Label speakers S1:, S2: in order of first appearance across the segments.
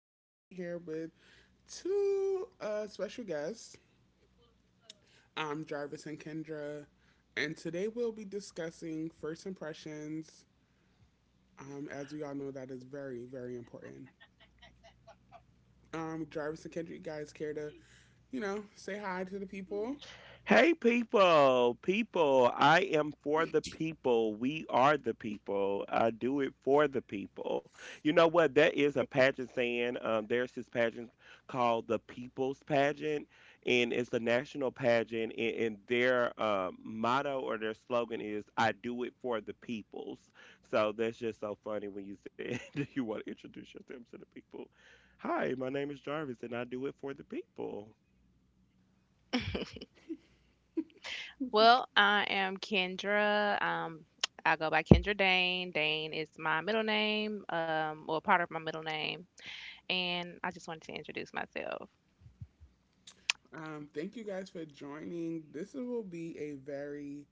S1: and I'm here with two special guests, Jarvis and Kendra. And today we'll be discussing first impressions. As we all know, that is very, very important. Jarvis and Kendra, you guys care to, say hi to the people.
S2: Hey, people, people, I am for the people. We are the people. I do it for the people. You know what? That is a pageant saying. There's this pageant called the People's Pageant, and it's a national pageant. And their motto or their slogan is, I do it for the peoples. So that's just so funny when you said, Do you want to introduce yourself to the people? Hi, my name is Jarvis, and I do it for the people.
S3: Well, I am Kendra. I go by Kendra Dane. Dane is my middle name, well, part of my middle name. And I just wanted to introduce myself.
S1: Thank you guys for joining. This will be a very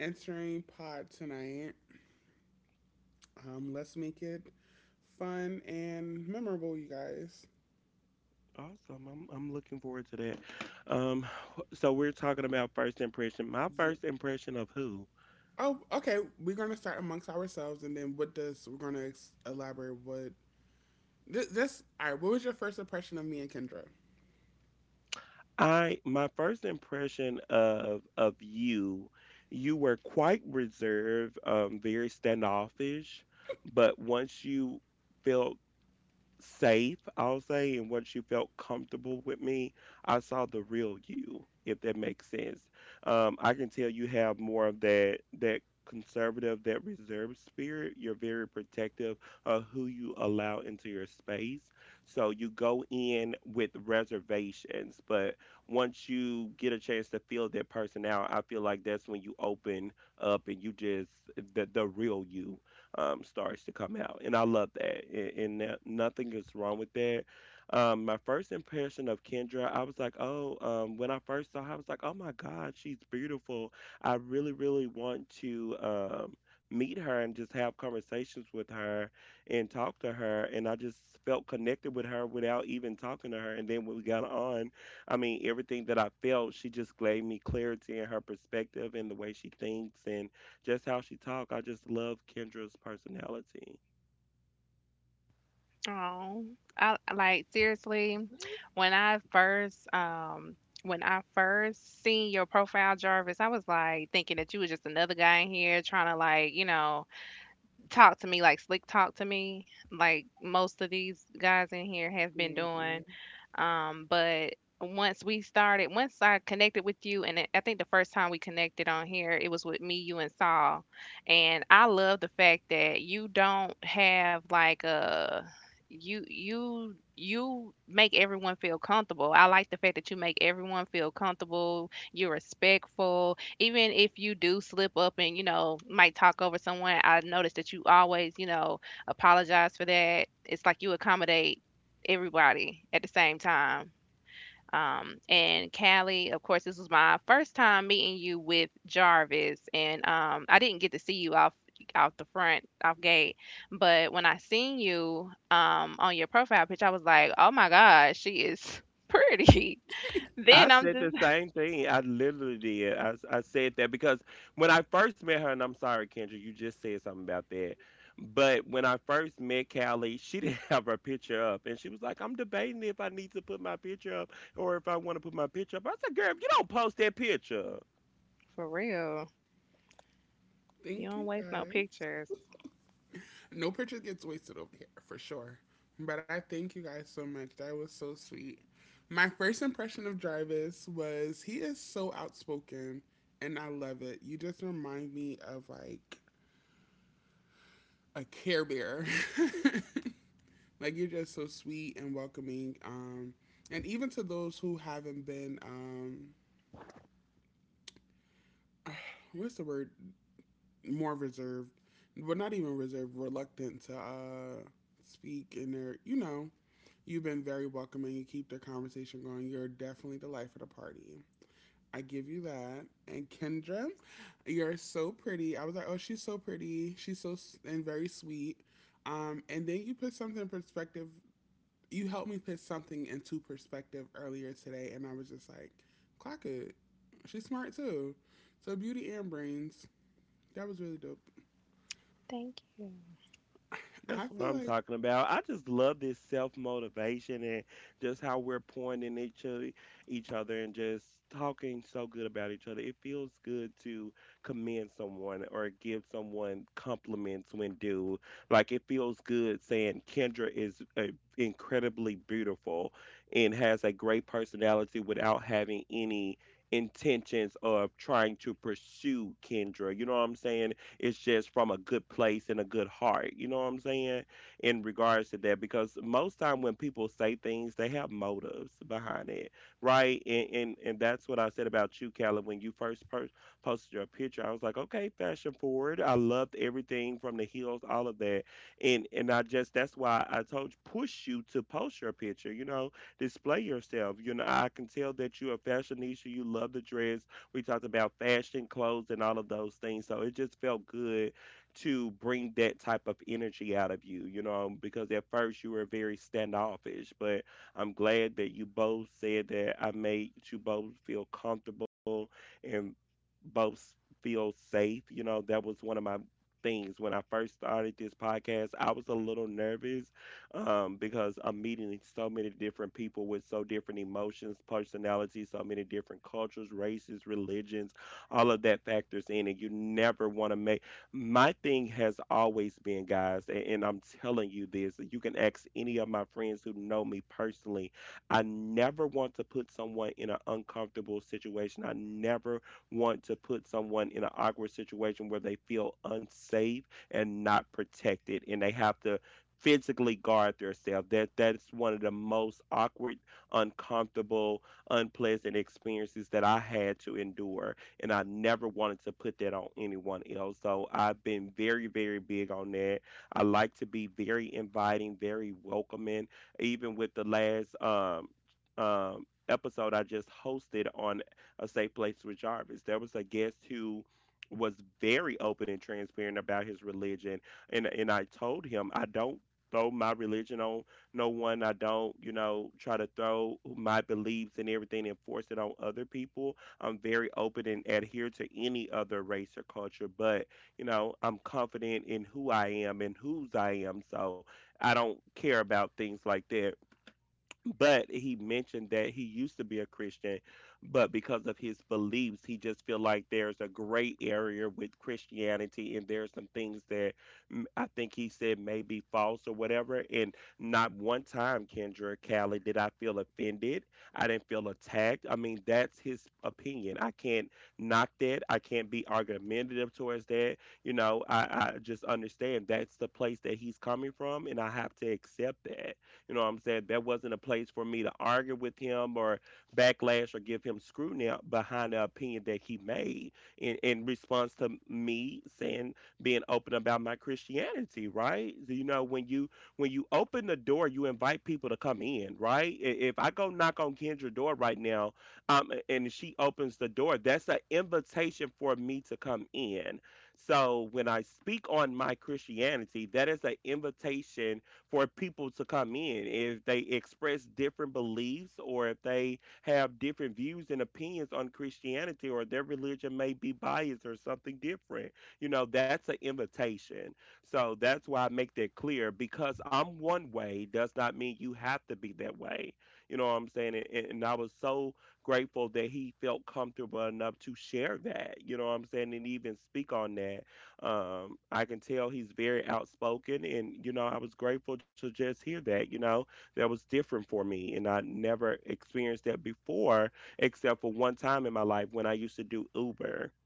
S1: interesting pod tonight. Let's make it fun and memorable, you guys.
S2: Awesome. I'm looking forward to that. Um, so we're talking about first impression. My first impression of who?
S1: Oh, okay. We're gonna start amongst ourselves, and then what does we're gonna elaborate what this. All right. What was your first impression of me and Kendra?
S2: I my first impression of you, you were quite reserved, very standoffish, but once you felt safe, I'll say, and once you felt comfortable with me, I saw the real you, if that makes sense. I can tell you have more of that conservative, that reserved spirit. You're very protective of who you allow into your space. So you go in with reservations, but once you get a chance to feel that person out, I feel like that's when you open up and you just the real you starts to come out, and I love that. And that nothing is wrong with that. My first impression of Kendra, I was like, oh, when I first saw her, I was like, oh my God, she's beautiful. I really, really want to meet her and just have conversations with her and talk to her. And I just felt connected with her without even talking to her. And then when we got on, I mean, everything that I felt, she just gave me clarity in her perspective and the way she thinks. And just how she talked. I just love Kendra's personality.
S3: Oh, I like seriously, when I first, um, when I first seen your profile, Jarvis, I was like thinking that you was just another guy in here trying to like, you know, talk to me like slick talk to me like most of these guys in here have been doing
S1: Hmm.
S3: but once we started once I connected with you and I think the first time we connected on here it was with me you and saul and I love the fact that you don't have like a you make everyone feel comfortable. I like the fact that you make everyone feel comfortable. You're respectful. Even if you do slip up and you know might talk over someone, I noticed that you always, you know, apologize for that. It's like you accommodate everybody at the same time. And Callie, of course, this was my first time meeting you with Jarvis, and I didn't get to see you off the front off gate, but when I seen you on your profile picture, I was like, oh my god, she is pretty.
S2: I
S3: Then I'm
S2: said
S3: just
S2: the same thing. I literally did. I said that because when I first met her, and I'm sorry, Kendra, you just said something about that. But when I first met Callie, she didn't have her picture up. And she was like, I'm debating if I need to put my picture up or if I want to put my picture up. I said, girl, if you don't post that picture.
S3: for real. You
S1: Thank
S3: don't
S1: you
S3: waste no
S1: guys.
S3: pictures.
S1: No picture gets wasted over here for sure. But I thank you guys so much. That was so sweet. My first impression of Jarvis was he is so outspoken, and I love it. You just remind me of like a Care Bear. Like you're just so sweet and welcoming. And even to those who haven't been, what's the word? More reserved, well, not even reserved, reluctant to speak. And they're, you know, you've been very welcoming. You keep the conversation going. You're definitely the life of the party. I give you that. And Kendra, you're so pretty. I was like, oh, she's so pretty. She's so and very sweet. And then you helped me put something into perspective earlier today, and I was just like, clock it. She's smart too. So beauty and brains. That was really dope.
S3: Thank
S2: That's
S1: I
S2: what
S1: feel
S2: I'm
S1: like
S2: talking about. I just love this self motivation and just how we're pointing each other and just talking so good about each other. It feels good to commend someone or give someone compliments when due. Like it feels good saying Kendra is incredibly beautiful and has a great personality without having any intentions of trying to pursue Kendra. You know what I'm saying? It's just from a good place and a good heart. You know what I'm saying? In regards to that, because most time when people say things, they have motives behind it, right? And that's what I said about you, Callie, when you first posted your picture. I was like, okay, fashion forward. I loved everything from the heels, all of that, and I just that's why I told you push you to post your picture. You know, display yourself. You know, I can tell that you're a fashionista. You love the dress we talked about fashion, clothes, and all of those things. So it just felt good to bring that type of energy out of you, you know, because at first you were very standoffish, but I'm glad that you both said that I made you both feel comfortable and both feel safe. You know, that was one of my things when I first started this podcast. I was a little nervous because I'm meeting so many different people with so different emotions, personalities, so many different cultures, races, religions, all of that factors in. And you never want to make my thing has always been, guys, and I'm telling you this you can ask any of my friends who know me personally. I never want to put someone in an uncomfortable situation. I never want to put someone in an awkward situation where they feel unsafe and not protected and they have to physically guard themselves. That's one of the most awkward, uncomfortable, unpleasant experiences that I had to endure, and I never wanted to put that on anyone else. So I've been very, very big on that. I like to be very inviting, very welcoming. Even with the last episode I just hosted on a safe place with Jarvis, there was a guest who was very open and transparent about his religion and I told him I don't throw my religion on no one. I don't, you know, try to throw my beliefs and everything and force it on other people. I'm very open and adhere to any other race or culture, but, you know, I'm confident in who I am and whose I am. So I don't care about things like that but he mentioned that he used to be a Christian but because of his beliefs he just feel like there's a gray area with Christianity and there's some things that I think he said may be false or whatever and not one time Kendra, Callie did I feel offended. I didn't feel attacked. I mean that's his opinion. I can't knock that. I can't be argumentative towards that. you know i, I just understand that's the place that he's coming from and I have to accept that. You know what I'm saying? That wasn't a place for me to argue with him or backlash or give him scrutiny behind the opinion that he made in response to me saying being open about my Christianity, right? So, you know, when you open the door, you invite people to come in, right? I- If I go knock on Kendra's door right now, and she opens the door, that's an invitation for me to come in. So when I speak on my Christianity, that is an invitation for people to come in. If they express different beliefs or if they have different views and opinions on Christianity or their religion may be biased or something different, you know, that's an invitation. So that's why I make that clear because I'm one way does not mean you have to be that way. You know what I'm saying? And I was so grateful that he felt comfortable enough to share that, you know what I'm saying, and even speak on that I can tell he's very outspoken, and you know, I was grateful to just hear that. You know, that was different for me, and I never experienced that before, except for one time in my life when I used to do Uber.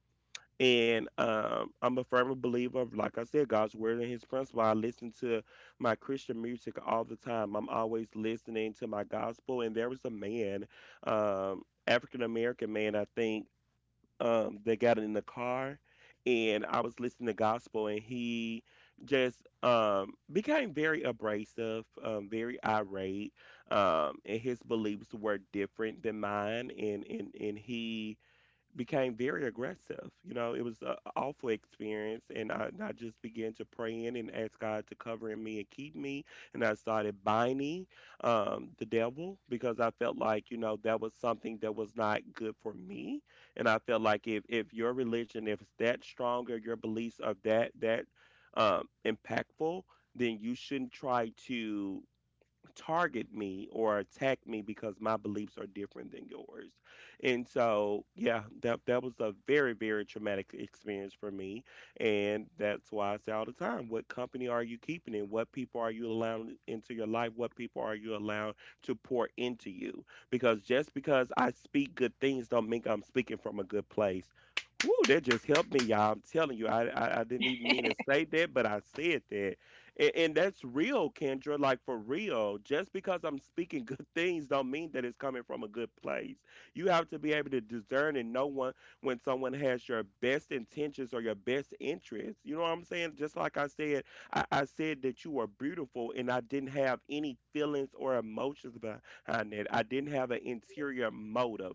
S2: And I'm a firm believer of, like I said, God's word and His principle. I listen to my Christian music all the time. I'm always listening to my gospel. And there was a man, African American man, I think that got in the car and I was listening to gospel and he just became very abrasive, very irate. And his beliefs were different than mine and he became very aggressive. You know, it was an awful experience, and I just began to pray in and ask God to cover in me and keep me. And I started binding the devil because I felt like you know that was something that was not good for me, and I felt like if your religion if it's that strong or your beliefs are that that impactful, then you shouldn't try to target me or attack me because my beliefs are different than yours. And so, yeah, that was a very very traumatic experience for me, and that's why I say all the time, what company are you keeping in? What people are you allowing into your life? What people are you allowing to pour into you? Because just because I speak good things don't mean I'm speaking from a good place. Woo, that just helped me, y'all. I'm telling you, I didn't even mean to say that, but I said that and that's real, Kendra. Like for real, just because I'm speaking good things don't mean that it's coming from a good place. You have to be able to discern and know one when someone has your best intentions or your best interests. You know what I'm saying? Just like I said, I said that you were beautiful, and I didn't have any feelings or emotions behind it. I didn't have an interior motive.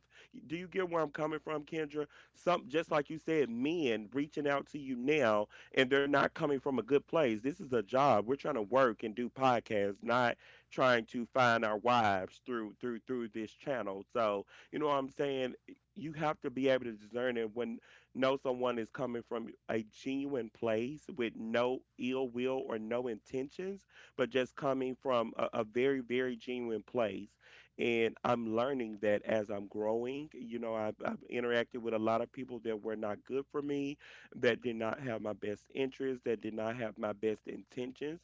S2: Do you get where I'm coming from, Kendra? Some just like you said, men reaching out to you now and they're not coming from a good place. This is a job. We're trying to work and do podcasts, not trying to find our wives through this channel. So, you know what I'm saying? You have to be able to discern it when know someone is coming from a genuine place with no ill will or no intentions, but just coming from a very, very genuine place. And I'm learning that as I'm growing, I've interacted with a lot of people that were not good for me that did not have my best interests, that did not have my best intentions.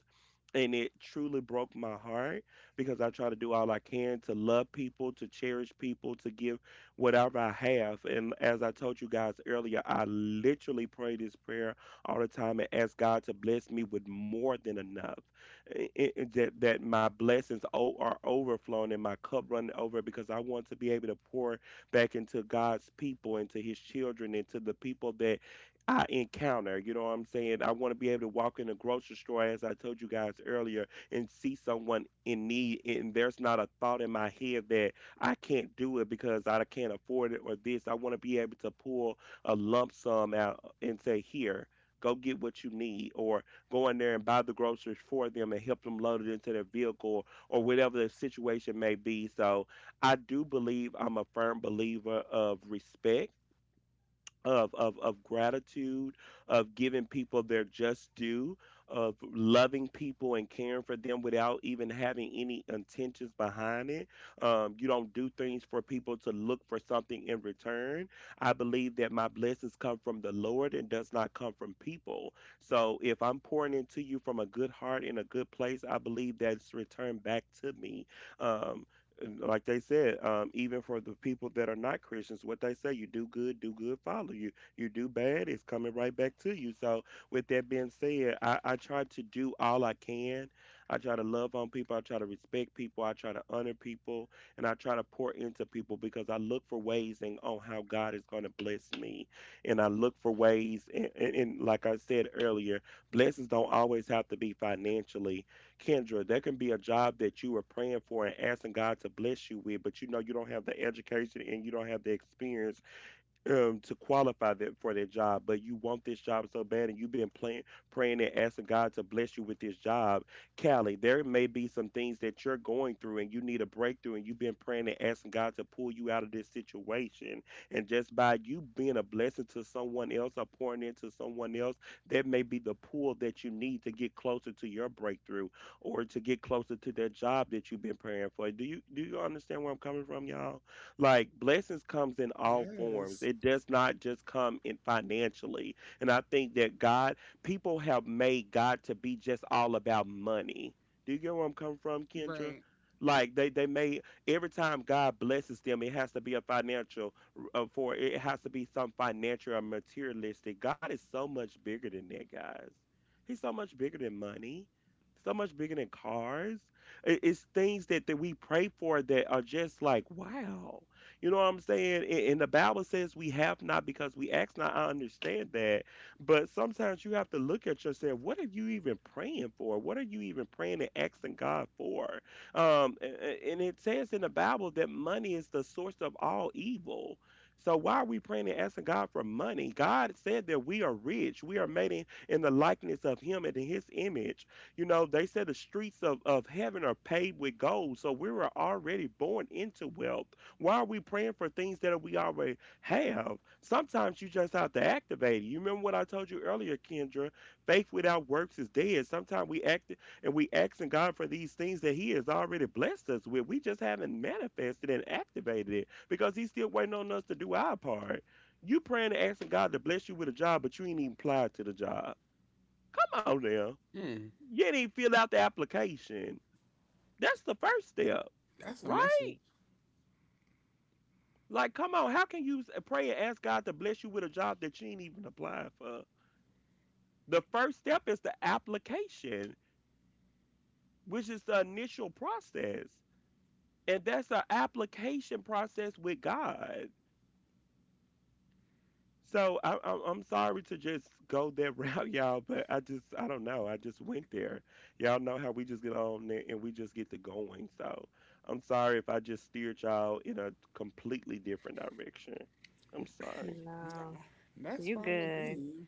S2: And it truly broke my heart because I try to do all I can to love people, to cherish people, to give whatever I have. And as I told you guys earlier, I literally pray this prayer all the time and ask God to bless me with more than enough. That my blessings are overflowing and my cup running over because I want to be able to pour back into God's people, into His children, into the people that I encounter. You know what I'm saying? I want to be able to walk in a grocery store, as I told you guys earlier, and see someone in need, and there's not a thought in my head that I can't do it because I can't afford it or this. I want to be able to pull a lump sum out and say, here. Go get what you need, or go in there and buy the groceries for them and help them load it into their vehicle or whatever the situation may be. So, I do believe I'm a firm believer of respect of gratitude, of giving people their just due, of loving people and caring for them without even having any intentions behind it. You don't do things for people to look for something in return. I believe that my blessings come from the Lord and does not come from people. So if I'm pouring into you from a good heart in a good place, I believe that's returned back to me. Um, and like they said, even for the people that are not Christians, what they say, you do good, do good, follow you. You do bad, it's coming right back to you. So, with that being said, I try to do all I can. I try to love on people. I try to respect people. I try to honor people. And I try to pour into people because I look for ways and on how God is going to bless me. And I look for ways. And like I said earlier, blessings don't always have to be financially, Kendra. That can be a job that you were praying for and asking God to bless you with, but you know you don't have the education and you don't have the experience to qualify that for that job, but you want this job so bad, and you've been praying and asking God to bless you with this job, Callie. There may be some things that you're going through, and you need a breakthrough, and you've been praying and asking God to pull you out of this situation. And just by you being a blessing to someone else or pouring into someone else, that may be the pull that you need to get closer to your breakthrough or to get closer to that job that you've been praying for. Do you understand where I'm coming from, y'all? Like blessings comes in all forms.
S1: yes,
S2: It does not just come in financially. And I think that people have made God to be just all about money. Do you get where I'm coming from, Kendra?
S1: right.
S2: Like they made every time God blesses them, it has to be a financial, for it has to be some financial or materialistic. God is so much bigger than that, guys. He's so much bigger than money, so much bigger than cars. It's things that we pray for that are just like wow. You know what I'm saying? And the Bible says we have not because we ask not. I understand that. But sometimes you have to look at yourself. What are you even praying for? What are you even praying and asking God for? Um, a- and it says in the Bible that money is the source of all evil. So why are we praying and asking God for money? God said that we are rich. We are made in the likeness of Him and in His image. You know, they said the streets of heaven are paved with gold. So we were already born into wealth. Why are we praying for things that we already have? Sometimes you just have to activate it. You remember what I told you earlier, Kendra? Faith without works is dead. Sometimes we act and we asking God for these things that He has already blessed us with. We just haven't manifested and activated it because He's still waiting on us to do our part. You praying and asking God to bless you with a job, but you ain't even applied to the job. Come on now.
S1: Mm,
S2: You didn't even fill out the application. That's the first step,
S1: that's a message.
S2: right? Like, come on, how can you pray and ask God to bless you with a job that you ain't even applying for? The first step is the application, which is the initial process. And that's an application process with God. So I'm sorry to just go that route, y'all, but I just, I don't know. I just went there. Y'all know how we just get on there and we just get to going. So I'm sorry if I just steered y'all in a completely different direction. I'm
S3: you.
S2: sorry.
S1: Nah,
S3: No,
S1: that's
S3: you
S1: fine with
S3: good.
S1: me.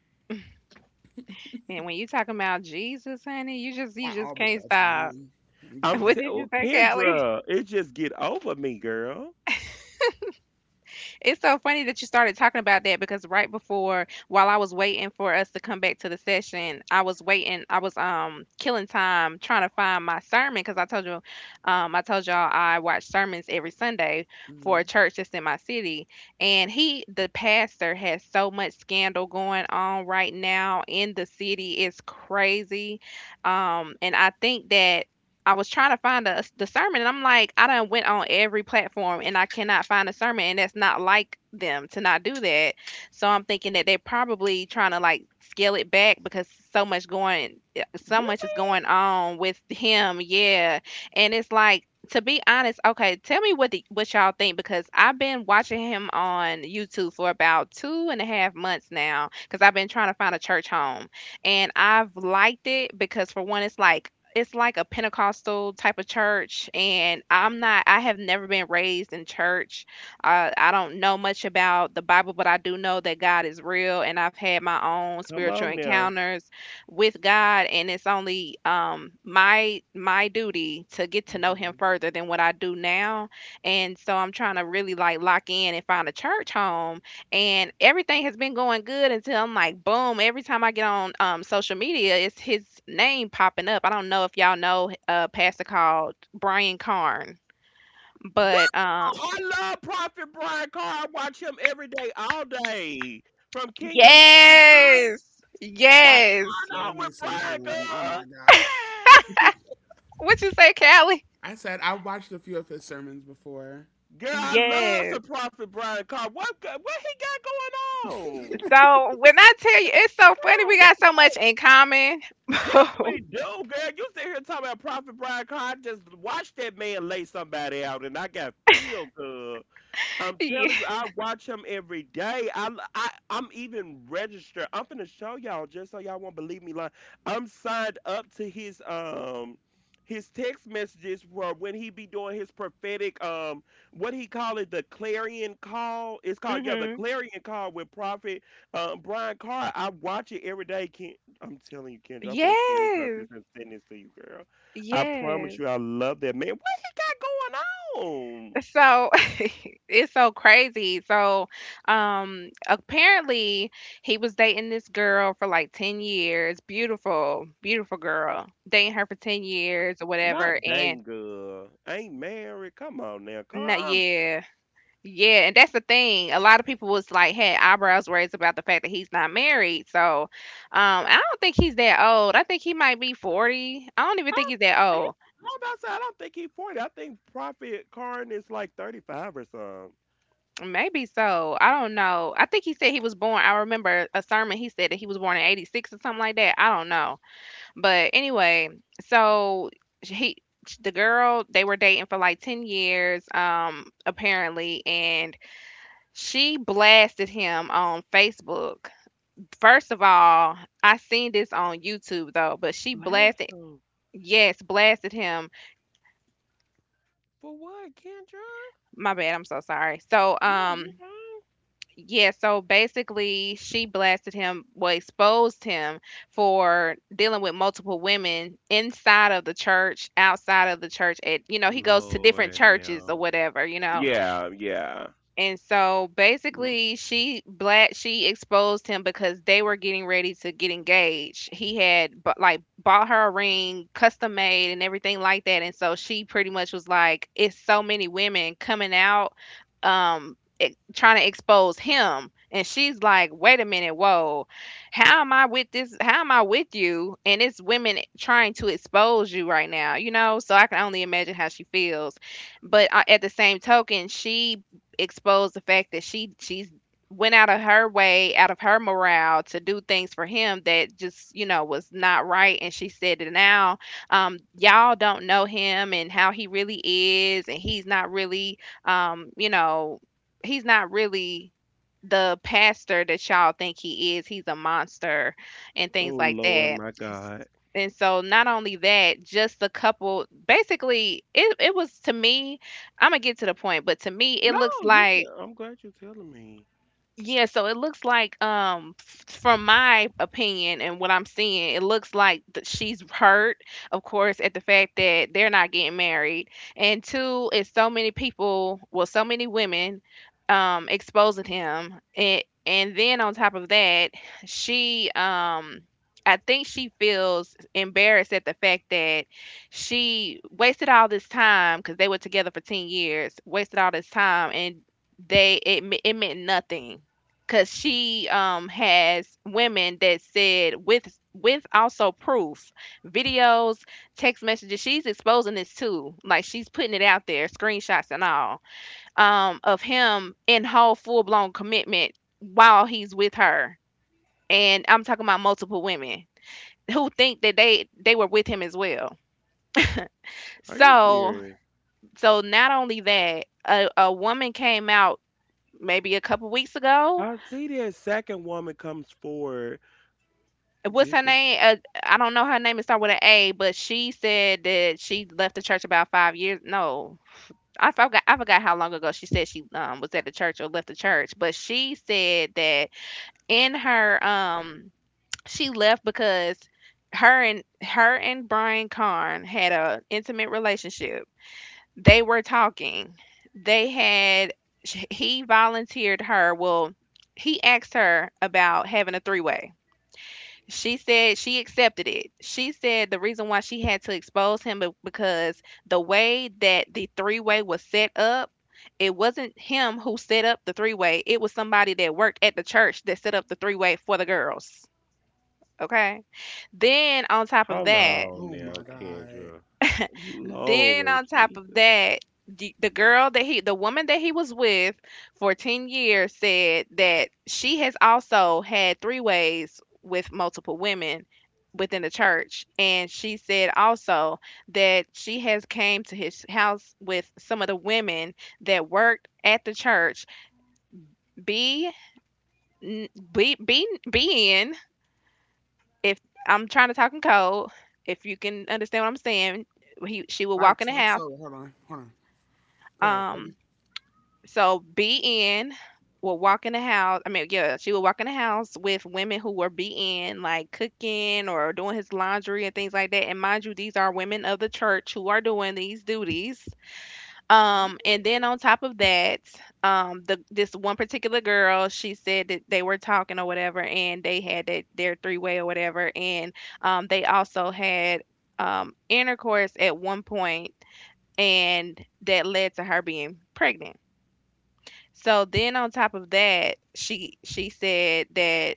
S3: And when you talking about Jesus, honey, you just
S1: I
S3: you just
S1: always
S3: can't
S1: got
S3: stop.
S1: time.
S3: What did
S1: Exactly.
S2: Oh
S3: you say, Callie?
S2: Kendra, it just get over me, girl.
S3: It's so funny that you started talking about that because right before, while I was waiting for us to come back to the session, I was waiting. I was killing time trying to find my sermon because I told you, I told y'all I watch sermons every Sunday for a
S1: Hmm.
S3: church that's in my city, and he, the pastor, has so much scandal going on right now in the city. It's crazy, and I think that I was trying to find the sermon, and I'm like, I done went on every platform, and I cannot find a sermon, and that's not like them to not do that. So I'm thinking that they're probably trying to like scale it back because so much going, yeah, so much
S2: Really?
S3: is going on with him, yeah. And it's like, to be honest, okay, tell me what the, what y'all think because I've been watching him on YouTube for about 2.5 months now because I've been trying to find a church home, and I've liked it because for one, it's like a Pentecostal type of church, and I'm not. I have never been raised in church. I don't know much about the Bible, but I do know that God is real, and I've had my own
S2: Come
S3: spiritual
S2: on now.
S3: encounters with God, and it's only my duty to get to know
S1: Hmm.
S3: Him further than what I do now. And so I'm trying to really like lock in and find a church home, and everything has been going good until I'm like, boom, every time I get on social media, it's his name popping up. I don't know if y'all know a pastor called Brian Carn,
S2: Girl,
S3: but
S2: I love Prophet Brian Carr. I watch him every day, all day. From Kingdom City, girl.
S3: yes,
S2: What's
S3: yes.
S2: going
S1: Love
S2: on
S1: me
S2: with
S1: some
S2: Brian
S1: him. Oh my
S2: Carr?
S1: god.
S3: What you say, Callie?
S1: I said I watched a few of his sermons before.
S2: Girl, I love
S3: Yes.
S2: some Prophet Brian Carr. What he got going on?
S3: So when I tell you, it's so funny.
S2: Girl,
S3: We
S2: what-
S3: got so much in common.
S2: Yes, we do, girl. You sit here talking about Prophet Brian Carr. I just watched that man lay somebody out, and I got feel good. I'm
S3: Yeah.
S2: telling you, I watch him every day. I'm even registered. I'm finna show y'all just so y'all won't believe me. Like I'm signed up to his text messages for when he be doing his prophetic what he call it the clarion call. It's called, yeah, the
S3: Hmm.
S2: clarion call with Prophet Brian Carr. I watch it every day. I'm telling you, Kendra, I'm finna screenshot this
S3: Yes.
S2: and send this to you, girl. I promise
S3: Yes.
S2: you, I love that man. What he got going on?
S3: So it's so crazy. So apparently he was dating this girl for like 10 years. Beautiful, beautiful girl. Dating her for 10 years or whatever,
S2: Not
S3: and
S2: dang good. Ain't married. Come on now,
S3: not
S2: Car.
S3: yeah. Yeah, and that's the thing. A lot of people was like had eyebrows raised about the fact that he's not married. So I don't think he's that old. I think he might be 40. I don't even think he's that
S2: I'm, he-
S3: old.
S2: I'm about to say I don't think he 40. I think Prophet Karn is like 35 or something.
S3: Maybe so. I don't know. I think he said he was born. I remember a sermon. He said that he was born in '86 or something like that. I don't know. But anyway, so he, the girl, they were dating for like 10 years, apparently, and she blasted him on Facebook. First of all, I seen this on YouTube though, but she
S2: Blast
S3: blasted,
S2: him.
S3: yes, blasted him.
S2: For what, Kendra?
S3: My bad. I'm so sorry. So,
S2: No, you're fine.
S3: yeah, so basically, she blasted him, well, exposed him for dealing with multiple women inside of the church, outside of the church. At you know, he goes to different
S2: Lord,
S3: churches or
S2: now.
S3: whatever, you know,
S2: Yeah, yeah.
S3: and so
S2: No.
S3: basically she black she exposed him because they were getting ready to get engaged. He had like bought her a ring, custom made and everything like that. And so she pretty much was like it's so many women coming out trying to expose him. And she's like, "Wait a minute, whoa. How am I with this? How am I with you and it's women trying to expose you right now, you know?" So I can only imagine how she feels, but at the same token she exposed the fact that she's went out of her way, out of her morale to do things for him that just, you know, was not right. And she said that now y'all don't know him and how he really is. And he's not really, you know, he's not really the pastor that y'all think he is. He's a monster and
S2: Oh
S3: things like
S2: Lord,
S3: that.
S2: my God.
S3: And so not only that, just the couple basically it was to me Imma get to the point, but to me, it
S2: No,
S3: looks
S2: you.
S3: like
S2: I'm glad you're telling me.
S3: yeah, so it looks like, from my opinion and what I'm seeing, it looks like that she's hurt, of course, at the fact that they're not getting married, and two is so many people, well, so many women, exposing him, and then on top of that, she, um, I think she feels embarrassed at the fact that she wasted all this time because they were together for 10 years, wasted all this time, and it meant nothing because she has women that said with also proof, videos, text messages. She's exposing this too, like she's putting it out there, screenshots and all of him in whole full-blown commitment while he's with her, and I'm talking about multiple women who think that they were with him as well.
S2: Are you
S3: So
S2: serious?
S3: so not only that, a woman came out maybe a couple weeks ago.
S2: I see that second woman comes forward.
S3: What's
S2: This
S3: her
S2: is
S3: name? I don't know her name. It start with an A, but she said that she left the church about 5 years. No, I forgot. I forgot how long ago she said she was at the church or left the church. But she said that in her she left because her and Brian Karn had a intimate relationship. They were talking. They had he volunteered her. Well, he asked her about having a three way. She said she accepted it. She said the reason why she had to expose him because the way that the three way was set up, it wasn't him who set up the three way. It was somebody that worked at the church that set up the three way for the girls. Okay. Then on top of
S2: Hold
S3: that,
S2: on
S1: Oh my
S2: now,
S1: god.
S2: Kendra.
S3: then
S2: Lord
S3: on top of
S2: Jesus.
S3: that, the girl that he, the woman that he was with for 10 years said that she has also had three ways with multiple women within the church, and she said also that she has came to his house with some of the women that worked at the church be n- be being if I'm trying to talk in code, if you can understand what I'm saying, he she would
S1: Like
S3: walk in the
S1: talks
S3: house
S1: so. Hold on. Hold on. Go ahead.
S3: um so BN will walk in the house. I mean, yeah, she would walk in the house with women who were BN, like cooking or doing his laundry and things like that. And mind you, these are women of the church who are doing these duties. And then on top of that, the this one particular girl, she said that they were talking or whatever, and they had that their three way or whatever, and they also had intercourse at one point, and that led to her being pregnant. So then on top of that, she said that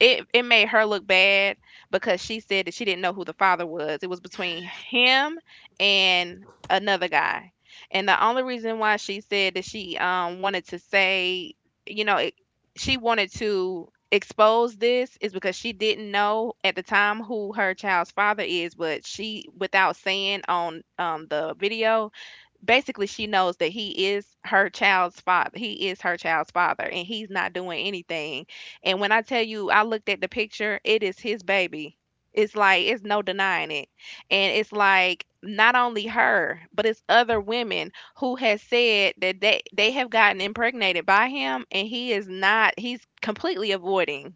S3: it made her look bad because she said that she didn't know who the father was. It was between him and another guy. And the only reason why she said that she wanted to say, you know, she wanted to expose this is because she didn't know at the time who her child's father is, but she without saying on the video, basically she knows that he is her child's father. He is her child's father and he's not doing anything. And when I tell you, I looked at the picture, it is his baby. It's like it's no denying it. And it's like not only her, but it's other women who has said that they have gotten impregnated by him and he is not he's completely avoiding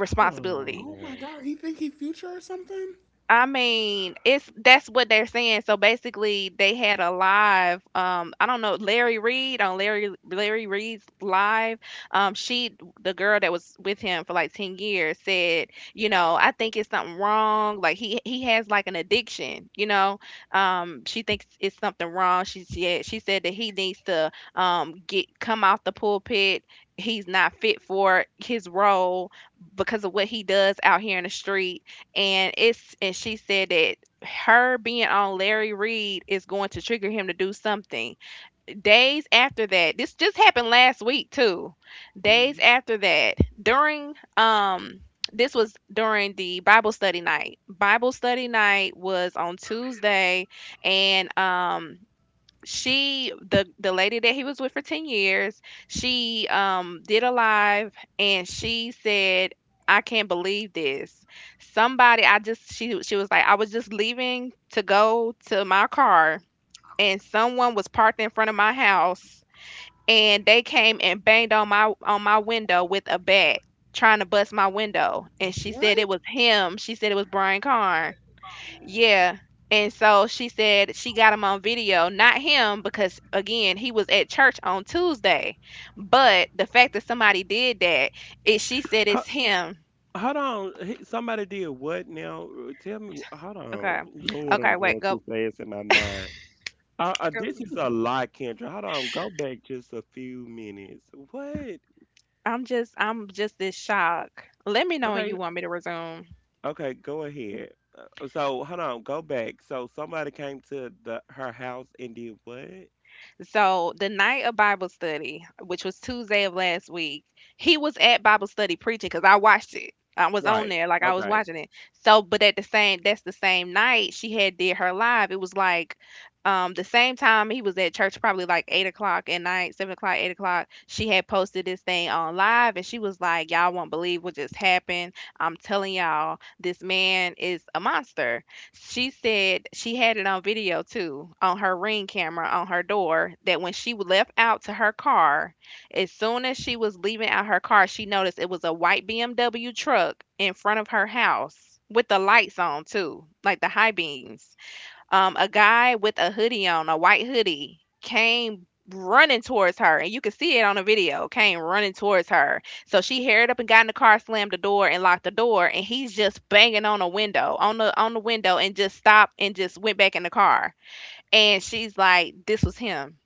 S2: Hold on
S1: Oh my
S2: now.
S1: god, he think he future or something?
S3: I mean, it's that's what they're saying. So basically, they had a live. I don't know Larry Reed, on Larry Reed's live. She— the girl that was with him for like 10 years said, you know, I think it's something wrong. Like he has like an addiction. She thinks it's something wrong. She said that he needs to get— come off the pulpit. He's not fit for his role because of what he does out here in the street. And it's and she said that her being on Larry Reed is going to trigger him to do something. Days after that— this just happened last week too. Days
S1: Hmm.
S3: after that, during this was during the Bible study night. Bible study night was on Tuesday, and she— the lady that he was with for 10 years, she did a live, and she said, "I can't believe this. Somebody— I just—" She was like, "I was just leaving to go to my car, and someone was parked in front of my house, and they came and banged on my window with a bat, trying to bust my window." And she said
S1: What?
S3: it was him. She said it was Brian Carn. Yeah. And so she said she got him on video— not him, because again, he was at church on Tuesday. But the fact that somebody did that, it she said
S2: Ho-
S3: it's him.
S2: Hold on. Somebody did what now? Tell me. Hold on.
S3: Okay.
S2: Lord, I'm
S3: Okay, wait,
S2: going too
S3: go.
S2: fast in my mind. This
S3: go-
S2: is a lot, Kendra. Hold on. Go back just a few minutes. What?
S3: I'm just— I'm just this shock. Let me know when you
S2: Okay.
S3: want me to resume.
S2: Okay. Go ahead. So hold on. Go back. So somebody came to the her house and did what?
S3: So the night of Bible study, which was Tuesday of last week, he was at Bible study preaching because I watched it. I was on
S2: Right.
S3: there, like, I was
S2: Okay.
S3: watching it. So, but at the same— that's the same night she had did her live. It was like the same time he was at church, probably like 8 o'clock at night, 7 o'clock, 8 o'clock. She had posted this thing on live, and she was like, "Y'all won't believe what just happened. I'm telling y'all, this man is a monster." She said she had it on video too, on her ring camera on her door, that when she left out to her car, as soon as she was leaving out her car, she noticed it was a white BMW truck in front of her house with the lights on too, like the high beams. A guy with a hoodie on, a white hoodie, came running towards her, and you can see it on the video. Came running towards her, so she hurried up and got in the car, slammed the door, and locked the door. And he's just banging on a window, on the window, and just stopped and just went back in the car. And she's like, "This was him.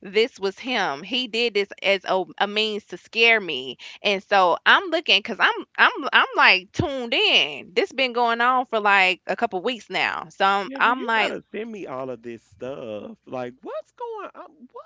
S3: This was him. He did this as a means to scare me." And so I'm looking, because I'm— I'm like tuned in. This been going on for like a couple weeks now, so I'm—
S2: Kendra,
S3: I'm
S2: you
S3: like—
S2: gotta send me all of this stuff. Like, what's going on? What?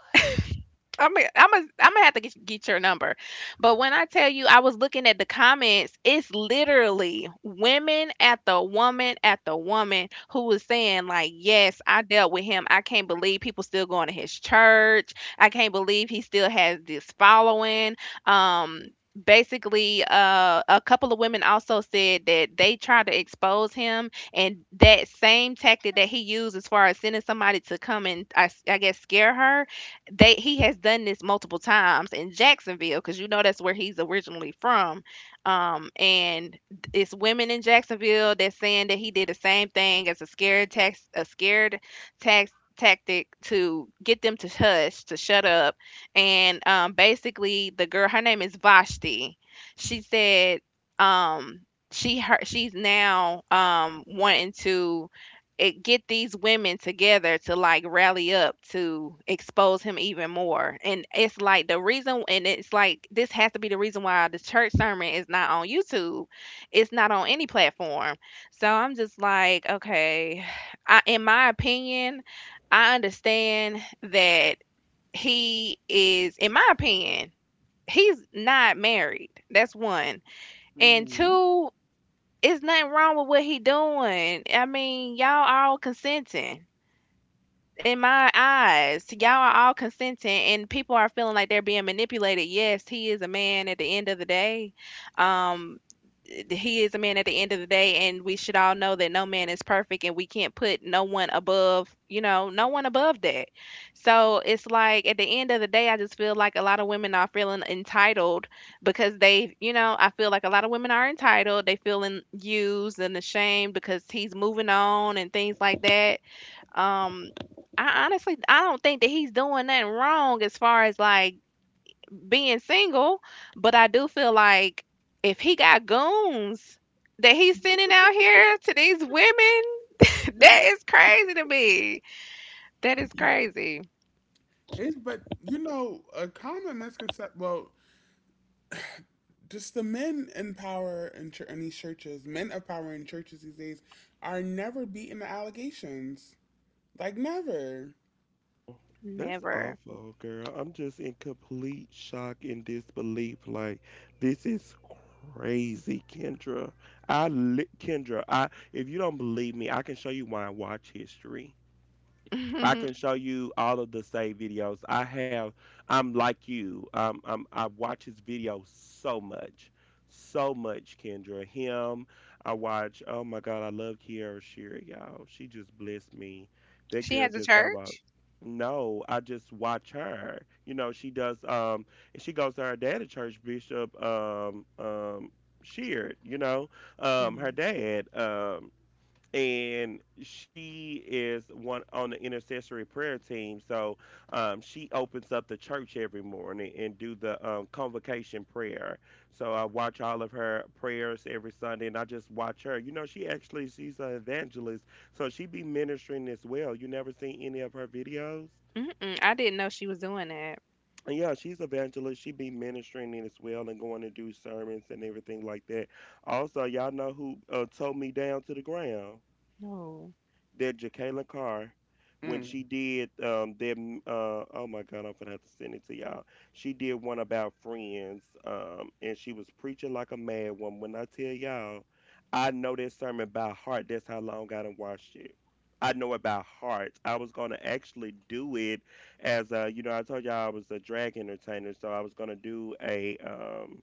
S3: I'm gonna have to get your number. But when I tell you, I was looking at the comments, it's literally women— at the woman who was saying, like, yes, I dealt with him. I can't believe people still going to his church. I can't believe he still has this following. Um, Basically, a couple of women also said that they tried to expose him, and that same tactic that he used as far as sending somebody to come and, I guess, scare her— they he has done this multiple times in Jacksonville, because you know that's where he's originally from. And It's women in Jacksonville that's saying that he did the same thing as a scared tax— a scared tax tactic to get them to hush, to shut up. And basically the girl— her name is Vashti. She said, um, she— she's now, wanting to— it get these women together to, like, rally up to expose him even more. And it's like the reason— and it's like this has to be the reason why the church sermon is not on YouTube. It's not on any platform. So I'm just like, okay, I, in my opinion, I understand that he is— in my opinion, he's not married. That's one. And
S1: Hmm.
S3: two, it's nothing wrong with what he doing. I mean, y'all all consenting. In my eyes, y'all are all consenting, and people are feeling like they're being manipulated. Yes, he is a man at the end of the day. Um, he is a man at the end of the day, and we should all know that no man is perfect, and we can't put no one above, you know, no one above that. So it's like at the end of the day, I just feel like a lot of women are feeling entitled because they, you know, I feel like a lot of women are entitled. They feeling used and ashamed because he's moving on and things like that. um, I honestly— I don't think that he's doing nothing wrong as far as like being single, but I do feel like if he got goons that he's sending out here to these women, that is crazy to me. That is crazy.
S1: It's but you know a common misconception. Well, just the men in power in, in these churches, men of power in churches these days, are never beating the allegations. Like never.
S2: That's
S3: Never.
S2: awful, girl. I'm just in complete shock and disbelief. Like, this is crazy, Kendra. Kendra, I if you don't believe me, I can show you my watch history. I
S3: She
S2: can show you all of the save videos I have. I'm like you. I watch his videos so much, so much. Kendra, him. I watch. Oh my God, I love Kiara Shear, y'all. She just blessed me. That girl
S3: has a
S2: just have a.
S3: church.
S2: No, I just watch her. You know, she does. And she goes to her dad at church, Bishop. Sheard. You know, her
S3: Mm.
S2: dad. And she is one on the intercessory prayer team. So she opens up the church every morning and do the convocation prayer. So I watch all of her prayers every Sunday, and I just watch her. You know, she's an evangelist, so she be ministering as well. You never seen any of her videos?
S3: Mm-mm, I didn't know she was doing that.
S2: And yeah, she's evangelist. She be ministering in as well and going to do sermons and everything like that. Also, y'all know who towed me down to the ground?
S3: No.
S2: That Jacqueline Carr when
S1: Mm.
S2: she did that oh my god, I'm gonna have to send it to y'all. She did one about friends, and she was preaching like a mad one. When I tell y'all, I know that sermon by heart. That's how long I done watched it. I know it by heart. I was gonna actually do it as a I told y'all I was a drag entertainer, so I was gonna do a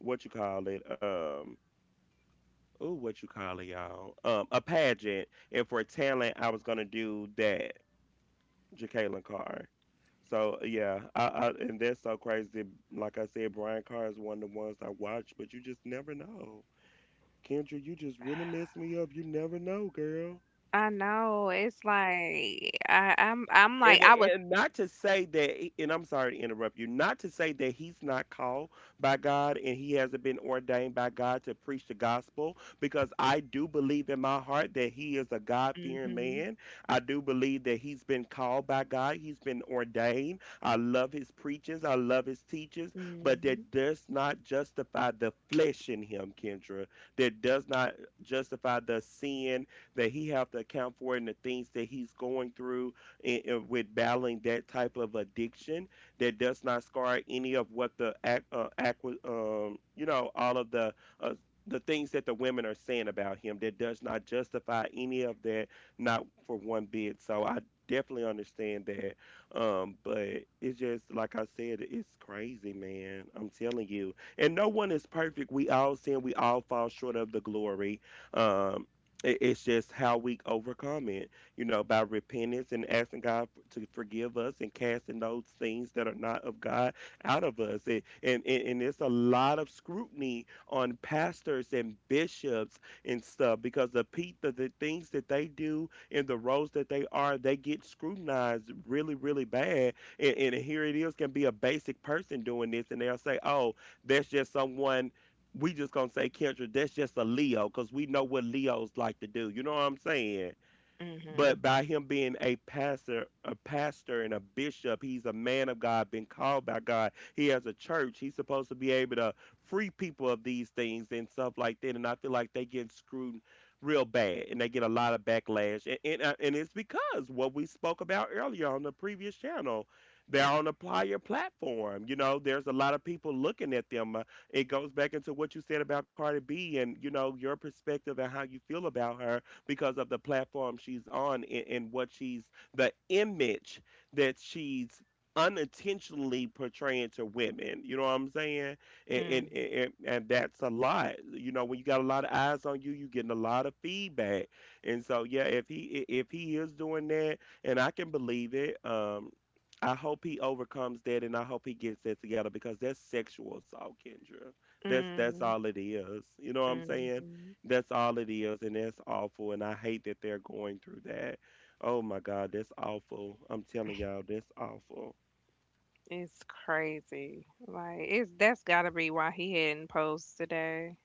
S2: what you call it ooh, what you call it, y'all? A pageant. And for talent, I was gonna do that, Ja'Kalen Carr. So yeah, I and that's so crazy. Like I said, Brian Carr is one of the ones I watch, but you just never know. Kendra, you just really messed me up. You never know, girl.
S3: I know. It's like I'm— I'm like
S2: And
S3: I was.
S2: and not to say that, and I'm sorry to interrupt you, not to say that he's not called by God and he hasn't been ordained by God to preach the gospel, because I do believe in my heart that he is a God fearing
S3: Hmm.
S2: man. I do believe that he's been called by God, he's been ordained. I love his preachings, I love his teachings, but
S3: Hmm.
S2: that does not justify the flesh in him, Kendra. That does not justify the sin that he have to account for and the things that he's going through with battling that type of addiction. That does not scar any of what the all of uh, the things that the women are saying about him. That does not justify any of that, not for one bit. So I definitely understand that. But it's just like I said, it's crazy, man, I'm telling you. And no one is perfect, we all sin, we all fall short of the glory. um it's just how we overcome it, you know, by repentance and asking God to forgive us and casting those things that are not of God out of us. And it's a lot of scrutiny on pastors and bishops and stuff because the things that they do and the roles that they are, they get scrutinized really, really bad. And here it is, can be a basic person doing this, and they'll say, oh, that's just someone, we just gonna say, Kendra, that's just a Leo, cause we know what Leos like to do. You know what I'm saying? But by him being a pastor and a bishop, he's a man of God, been called by God. He has a church. He's supposed to be able to free people of these things and stuff like that. And I feel like they get screwed real bad and they get a lot of backlash. And it's because what we spoke about earlier on the previous channel, they're on a player platform. You know, there's a lot of people looking at them. It goes back into what you said about Cardi B and you know your perspective and how you feel about her because of the platform she's on, and what she's, the image that she's unintentionally portraying to women. You know what I'm saying? And and,
S3: Hmm.
S2: and and that's a lot. You know, when you got a lot of eyes on you, you getting a lot of feedback. And so yeah, if he is doing that, and I can believe it, I hope he overcomes that, and I hope he gets that together because that's sexual assault, Kendra. That's
S3: Hmm.
S2: all it is. You know what I'm saying?
S3: Hmm.
S2: That's all it is, and that's awful. And I hate that they're going through that. Oh my God, that's awful. I'm telling y'all, that's awful.
S3: It's crazy. Like it's that's gotta be why he hadn't posed today.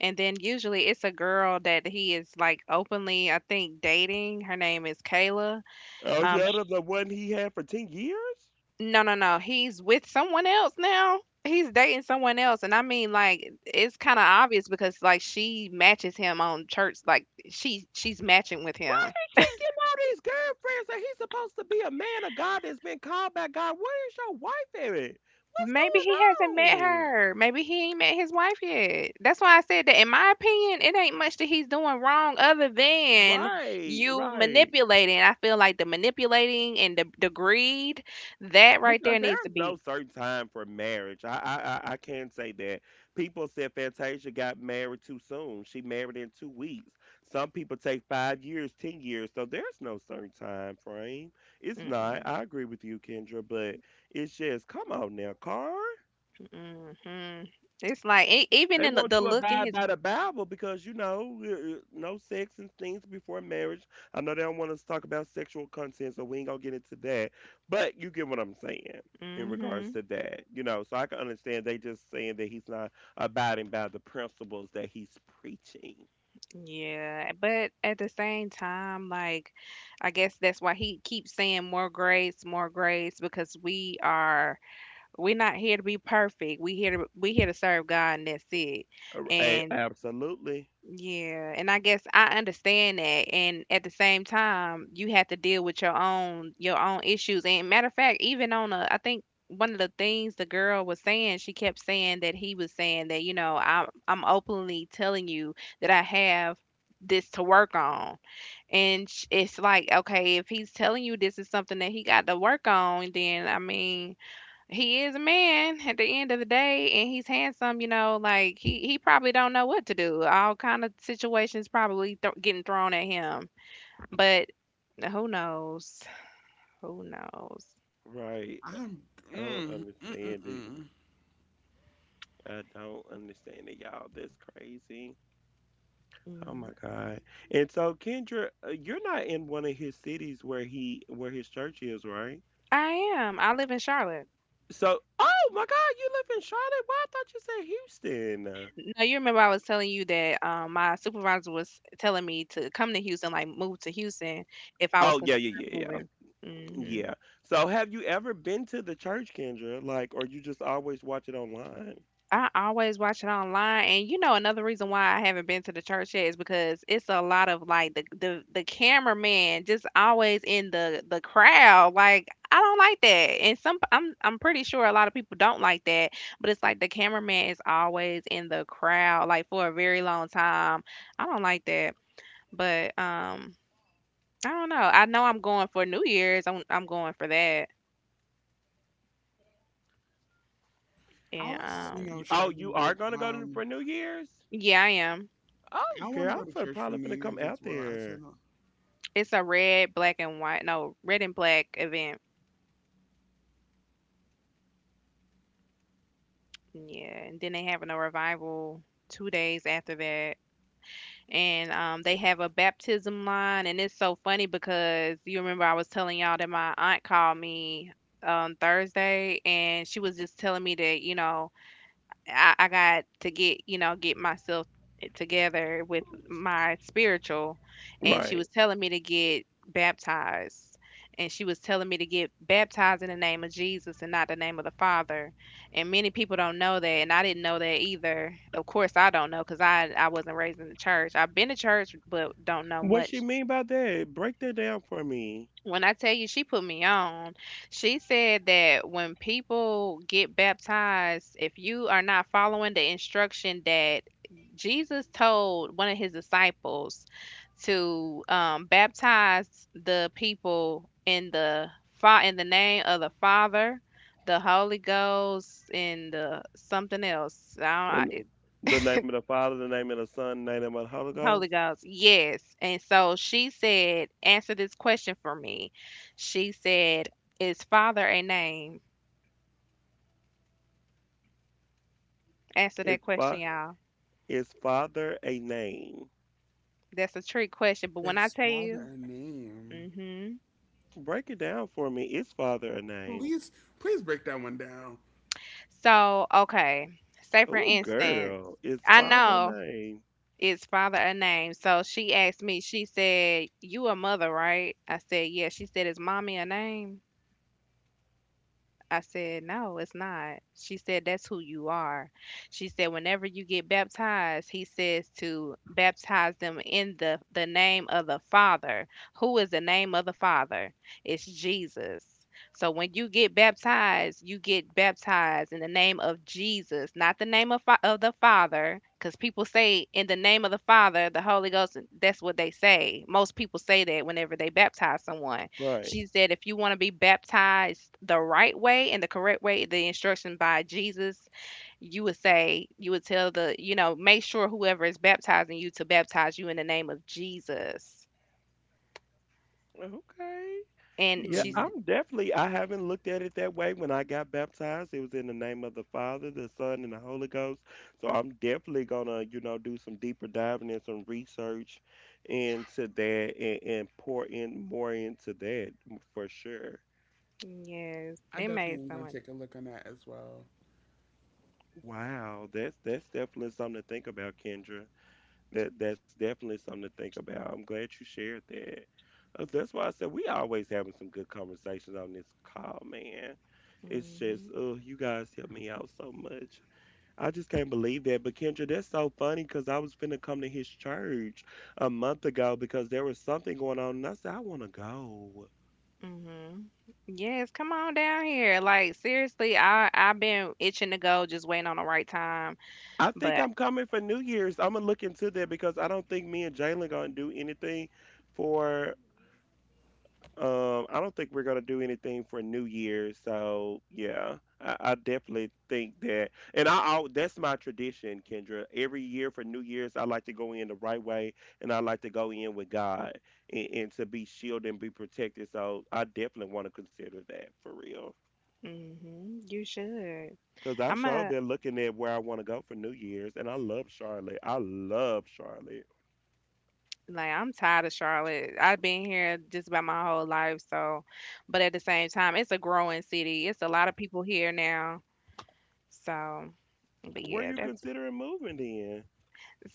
S3: And then usually it's a girl that he is, like, openly, I think, dating. Her name is Kayla.
S2: Oh,
S3: Um,
S2: shut
S3: sh-
S2: up, the one he had for 10 years?
S3: no, no, no. He's with someone else now. He's dating someone else, and I mean, like, it's kind of obvious because, like, she matches him on church. Like she's matching with
S2: Why
S3: him.
S2: he keep getting all these girlfriends that he's supposed to be a man of God, that's been called by God? Where is your wife at? What's
S3: Maybe he hasn't
S2: going
S3: met
S2: on?
S3: her. Maybe he ain't met his wife yet. That's why I said that in my opinion, it ain't much that he's doing wrong other than
S2: Right,
S3: you
S2: right.
S3: manipulating. I feel like the manipulating and the greed, that right there
S2: Because
S3: needs to
S2: there's no
S3: be.
S2: certain time for marriage. I can say that. People said Fantasia got married too soon. She married in 2 weeks. Some people take 5 years, 10 years. So there's no certain time frame. It's not.
S3: Mm-mm,
S2: I agree with you, Kendra, but it's just, come on now, Carl.
S3: mm-hmm. It's like e- even
S2: They
S3: in
S2: want
S3: the
S2: you to
S3: look in
S2: abide
S3: his.
S2: by the Bible because, you know, no sex and things before marriage. I know they don't want us to talk about sexual content, so we ain't gonna get into that. But you get what I'm saying in regards
S3: Hmm.
S2: to that, you know. So I can understand they just saying that he's not abiding by the principles that he's preaching.
S3: Yeah, but at the same time, like, I guess that's why he keeps saying more grace, because we are— we're not here to be perfect. We here to serve God, and that's it.
S2: A-
S3: And
S2: Absolutely
S3: yeah, and I guess I understand that. And at the same time, you have to deal with your own issues. And matter of fact, even on a— I think one of the things the girl was saying, she kept saying that he was saying that, you know, I'm openly telling you that I have this to work on. And it's like, okay, if he's telling you this is something that he got to work on, then, I mean, he is a man at the end of the day, and he's handsome, you know, like, he probably don't know what to do. All kind of situations probably getting thrown at him. But who knows? Who knows?
S2: right.
S1: I'm.
S2: I don't
S1: Mm, mm, mm,
S2: understand it.
S1: mm.
S2: I don't understand it, y'all. That's crazy. Oh
S3: Mm.
S2: my God. And so Kendra, you're not in one of his cities where he where his church is, right?
S3: I am. I live in Charlotte.
S2: So, oh my God, you live in Charlotte? Why I thought you said Houston.
S3: Now you remember I was telling you that, my supervisor was telling me to come to Houston, like, move to Houston if I was
S2: Oh
S3: considering
S2: yeah, yeah, yeah, yeah.
S3: moving. Hmm.
S2: Yeah. So have you ever been to the church, Kendra? Like, or you just always watch it online?
S3: I always watch it online, and you know another reason why I haven't been to the church yet is because it's a lot of like the cameraman just always in the crowd. Like, I don't like that, and some— I'm— I'm pretty sure a lot of people don't like that. But it's like the cameraman is always in the crowd, like, for a very long time. I don't like that, but I don't know. I know I'm going for New Year's. I'm going for that,
S1: I
S3: and
S1: was, you know,
S2: Oh, you
S1: struggling
S2: are
S1: with.
S2: gonna go to, for New Year's?
S3: yeah, I am.
S1: I
S2: Oh,
S1: want
S2: girl,
S1: to go
S2: I'm
S1: to
S2: fin-
S1: church for
S2: probably
S1: New
S2: gonna
S1: Year's
S2: come
S1: as
S2: out
S1: well. I said,
S2: there.
S3: It's a red, black, and white— no, red and black event. Yeah, and then they having a revival 2 days after that, and they have a baptism line, and it's so funny because you remember I was telling y'all that my aunt called me on Thursday, and she was just telling me that, you know, I got to get, you know, get myself— eh, together with my spiritual. And she was
S2: Right.
S3: telling me to get baptized. And she was telling me to get baptized in the name of Jesus and not the name of the Father. And many people don't know that. And I didn't know that either. Of course, I don't know because I wasn't raised in the church. I've been to church, but don't know
S2: What she
S3: much.
S2: mean by that? Break that down for me.
S3: When I tell you she put me on, she said that when people get baptized, if you are not following the instruction that Jesus told one of his disciples to baptize the people in the in the name of the Father, the Holy Ghost, and the something else. I
S2: In
S3: don't, I-
S2: the name of the Father, the name of the Son, the name of the Holy
S3: Holy
S2: Ghost.
S3: Ghost, yes. And so she said, "Answer this question for me." She said, "Is Father a name?" Answer
S2: Is,
S3: that question,
S2: fa-
S3: y'all.
S2: is father a name?
S3: That's a trick question, but when I
S1: Is
S3: tell
S1: father
S3: you,
S1: a name?"
S3: mhm.
S2: Break it down for me. Is father a name?
S1: Please, please break that one down.
S3: So, okay. Say for
S2: Oh,
S3: instance,
S2: girl. Is
S3: I
S2: father a
S3: know
S2: name?
S3: it's father a name. So she asked me, she said, "You a mother, right?" I said, "Yeah." She said, "Is mommy a name?" I said, "No, it's not." She said, "That's who you are." She said, "Whenever you get baptized, he says to baptize them in the name of the Father. Who is the name of the Father? It's Jesus. So when you get baptized in the name of Jesus, not the name of, of the Father, because people say in the name of the Father, the Holy Ghost." That's what they say. Most people say that whenever they baptize someone.
S2: Right.
S3: She said, if you want to be baptized the right way and the correct way, the instruction by Jesus, you would say, you would tell the, make sure whoever is baptizing you to baptize you in the name of Jesus.
S2: Okay.
S3: And
S2: Yeah,
S3: she's,
S1: Hmm.
S2: I'm definitely, I haven't looked at it that way. When I got baptized, it was in the name of the Father, the Son, and the Holy Ghost. So I'm definitely gonna, you know, do some deeper diving and some research into that, and pour in more into that for sure.
S3: yes,
S1: I
S3: it made
S1: definitely am
S3: so
S1: going to
S3: much.
S1: take a look on that as well.
S2: Wow, that's definitely something to think about, Kendra. That's definitely something to think about. I'm glad you shared that. That's why I said we always having some good conversations on this call, man. It's just,
S3: Mhm.
S2: oh, you guys help me out so much. I just can't believe that. But Kendra, that's so funny because I was finna come to his church a month ago because there was something going on, and I said I want to go.
S3: Mhm. Yes, come on down here. Like seriously, I've been itching to go, just waiting on the right time.
S2: I think
S3: But
S2: I'm coming for New Year's. I'm gonna look into that because I don't think me and Jalen gonna do anything for, I don't think we're gonna do anything for New Year's, so yeah, I definitely think that, and I, that's my tradition, Kendra. Every year for New Year's, I like to go in the right way, and I like to go in with God, and to be shielded and be protected. So I definitely want to consider that for real,
S3: mhm, you should.
S2: because I
S3: I'm
S2: sure
S3: a
S2: been looking at where I want to go for New Year's, and I love Charlotte. I love Charlotte.
S3: Like I'm tired of Charlotte. I've been here just about my whole life, so but at the same time, it's a growing city. It's a lot of people here now. So, but
S2: Where
S3: yeah,
S2: you
S3: that's
S2: considering moving then?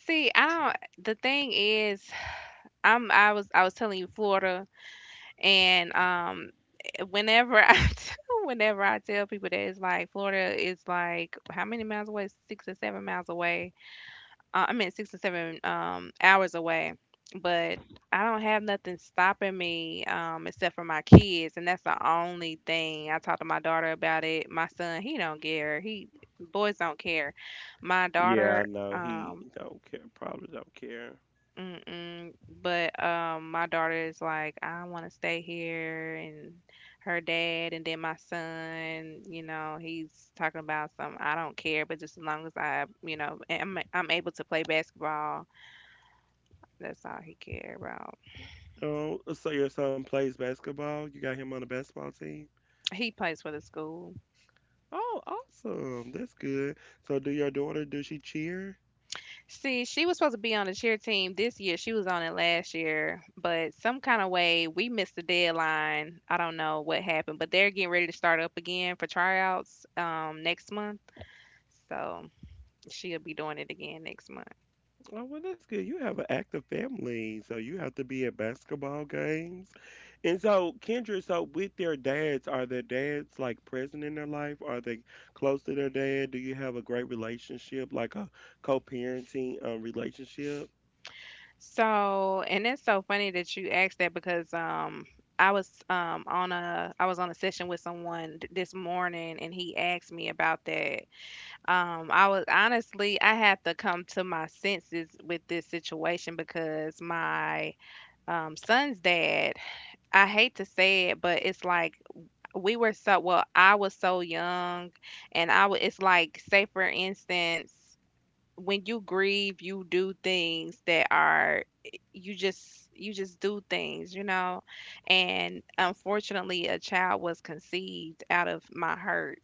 S3: see, I don't the thing is I was telling you Florida, and whenever I whenever I tell people that, it's like Florida is like how many miles away? 6 or 7 miles away. I meant 6 and 7 hours away, but I don't have nothing stopping me except for my kids, and that's the only thing. I talked to my daughter about it. My son, he don't care. He boys don't care. My
S2: Yeah, I
S3: daughter,
S2: know he
S3: um,
S2: don't care. Probably don't care.
S3: mm-mm, but my daughter is like, I want to stay here, and her dad, and then my son. He's talking about some. I don't care, but just as long as I, you know, am I'm able to play basketball. That's all he cared about.
S2: Oh, so your son plays basketball? You got him on the basketball team?
S3: He plays for the school.
S2: Oh, awesome. That's good. So do your daughter, does she cheer?
S3: See, she was supposed to be on the cheer team this year. She was on it last year, but some kind of way we missed the deadline. I don't know what happened, but they're getting ready to start up again for tryouts next month. So she'll be doing it again next month.
S2: Oh, well, that's good. You have an active family, so you have to be at basketball games. And so, Kendra, so with their dads, are their dads like present in their life? Are they close to their dad? Do you have a great relationship, like a co-parenting relationship?
S3: So, and it's so funny that you asked that because I was on a I was on a session with someone this morning, and he asked me about that. I was Honestly, I had to come to my senses with this situation because my son's dad, I hate to say it, but it's like well, I was so young, and I was, it's like, say for instance, when you grieve, you do things that are, you just do things, you know? And unfortunately, a child was conceived out of my hurt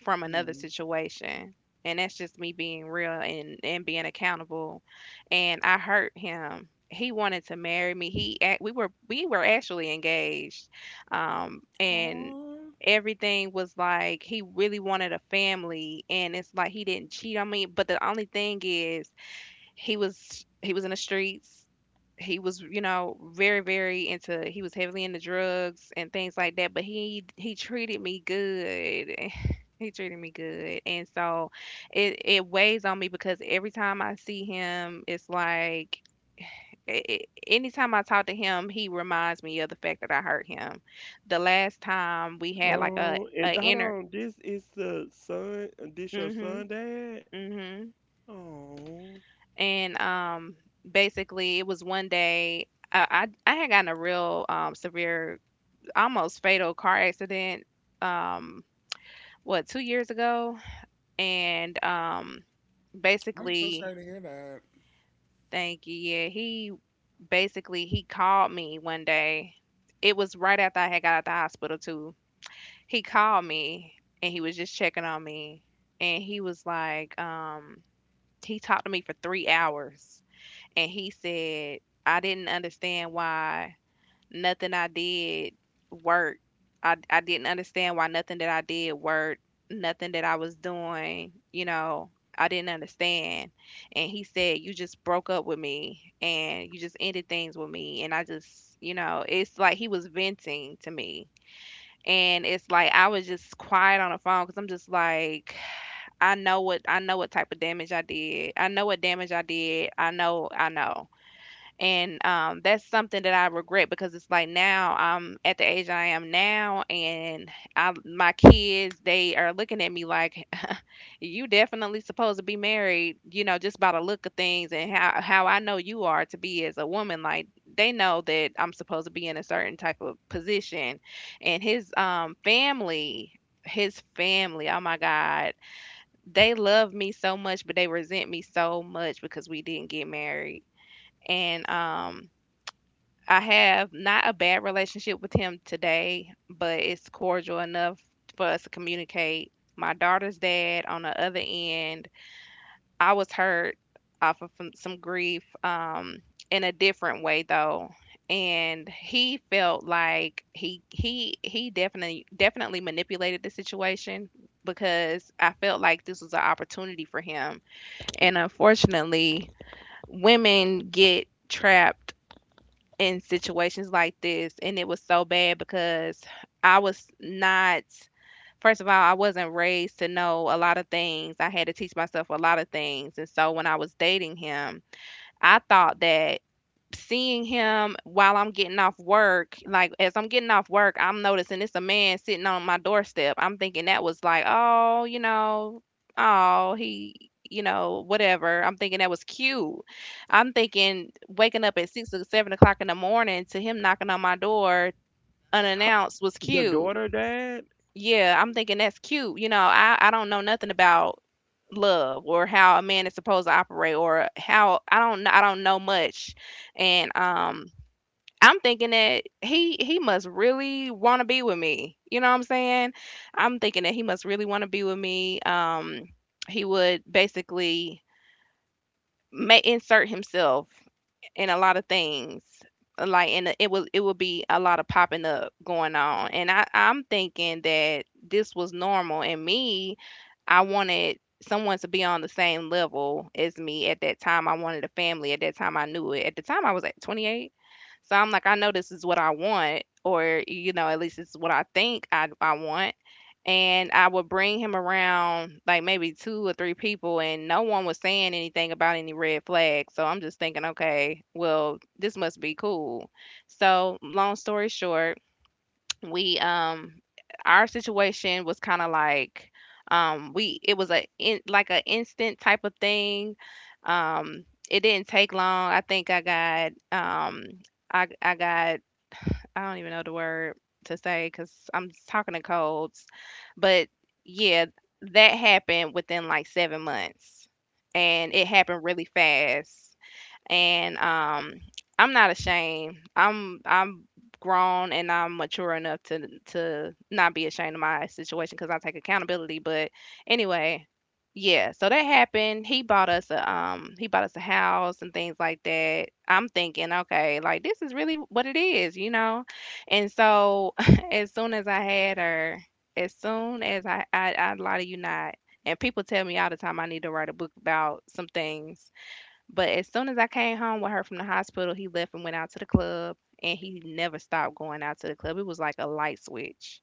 S3: from another
S1: Mm.
S3: situation. And that's just me being real and, being accountable. And I hurt him. He wanted to marry me. We were actually engaged. And
S1: Aw,
S3: everything was like he really wanted a family, and it's like he didn't cheat on me, but the only thing is he was in the streets. He was you know very very into He was heavily into drugs and things like that, but he treated me good. He treated me good. And so it weighs on me because every time I see him, it's like anytime I talk to him, he reminds me of the fact that I hurt him. The last time we had like a
S2: Oh, and
S3: a
S2: hold
S3: inner
S2: on, this is the son, this your
S3: mhm
S2: son, dad?
S3: mhm.
S2: Oh.
S3: And basically it was one day I, I had gotten a real severe, almost fatal car accident, um what, 2 years ago. And
S1: I'm so
S3: basically,
S1: sorry to hear that.
S3: thank you. Yeah, he basically he called me one day. It was right after I had got out the hospital too. He called me, and he was just checking on me, and he was like, he talked to me for 3 hours. And he said, "I didn't understand why nothing I did worked. I didn't understand why nothing that I did worked, nothing that I was doing, I didn't understand." And he said, "You just broke up with me, and you just ended things with me." And I just, you know, it's like he was venting to me. And it's like I was just quiet on the phone because I'm just like, I know what type of damage I did. I know what damage I did. I know, I know. And, that's something that I regret because it's like now I'm at the age I am now, and I my kids, they are looking at me like, "You definitely supposed to be married," just by the look of things and how I know you are to be as a woman. Like, they know that I'm supposed to be in a certain type of position. And his family, oh my God, they love me so much, but they resent me so much because we didn't get married. And I have not a bad relationship with him today, but it's cordial enough for us to communicate. My daughter's dad, on the other end, I was hurt off of some grief, in a different way though, and he felt like he definitely definitely manipulated the situation because I felt like this was an opportunity for him, and unfortunately, women get trapped in situations like this. And it was so bad because I was not first of all, I wasn't raised to know a lot of things. I had to teach myself a lot of things. And so when I was dating him, I thought that seeing him while I'm getting off work, like as I'm getting off work, I'm noticing it's a man sitting on my doorstep. I'm thinking that was like, oh, you know, oh, he, you know, whatever. I'm thinking that was cute. I'm thinking waking up at 6 or 7 o'clock in the morning to him knocking on my door unannounced was
S2: Your
S3: cute.
S2: daughter, dad,
S3: Yeah, I'm thinking that's cute. I don't know nothing about love or how a man is supposed to operate or how I don't know much. And I'm thinking that he must really want to be with me. You know what I'm saying? I'm thinking that he must really want to be with me. He would basically may insert himself in a lot of things. Like, and it would be a lot of popping up going on. And I'm thinking that this was normal, and me, I wanted someone to be on the same level as me at that time. I wanted a family at that time, I knew it. At the time, I was at 28. So I'm like, I know this is what I want, or at least it's what I think I want. And I would bring him around like maybe two or three people, and no one was saying anything about any red flags. So I'm just thinking, okay, well, this must be cool. So long story short, we our situation was kind of like we it was a in, like a instant type of thing. um it didn't take long. I think I got I got, I don't even know the word to say cuz I'm talking in codes, but yeah, that happened within like 7 months, and it happened really fast. And I'm not ashamed. I'm grown, and I'm mature enough to not be ashamed of my situation because I take accountability. But anyway, yeah. So that happened. He bought us a house and things like that. I'm thinking, okay, like this is really what it is. And so as soon as I had her, as soon as I lie to you not. And people tell me all the time I need to write a book about some things but as soon as I came home with her from the hospital, he left and went out to the club, and he never stopped going out to the club. It was like a light switch.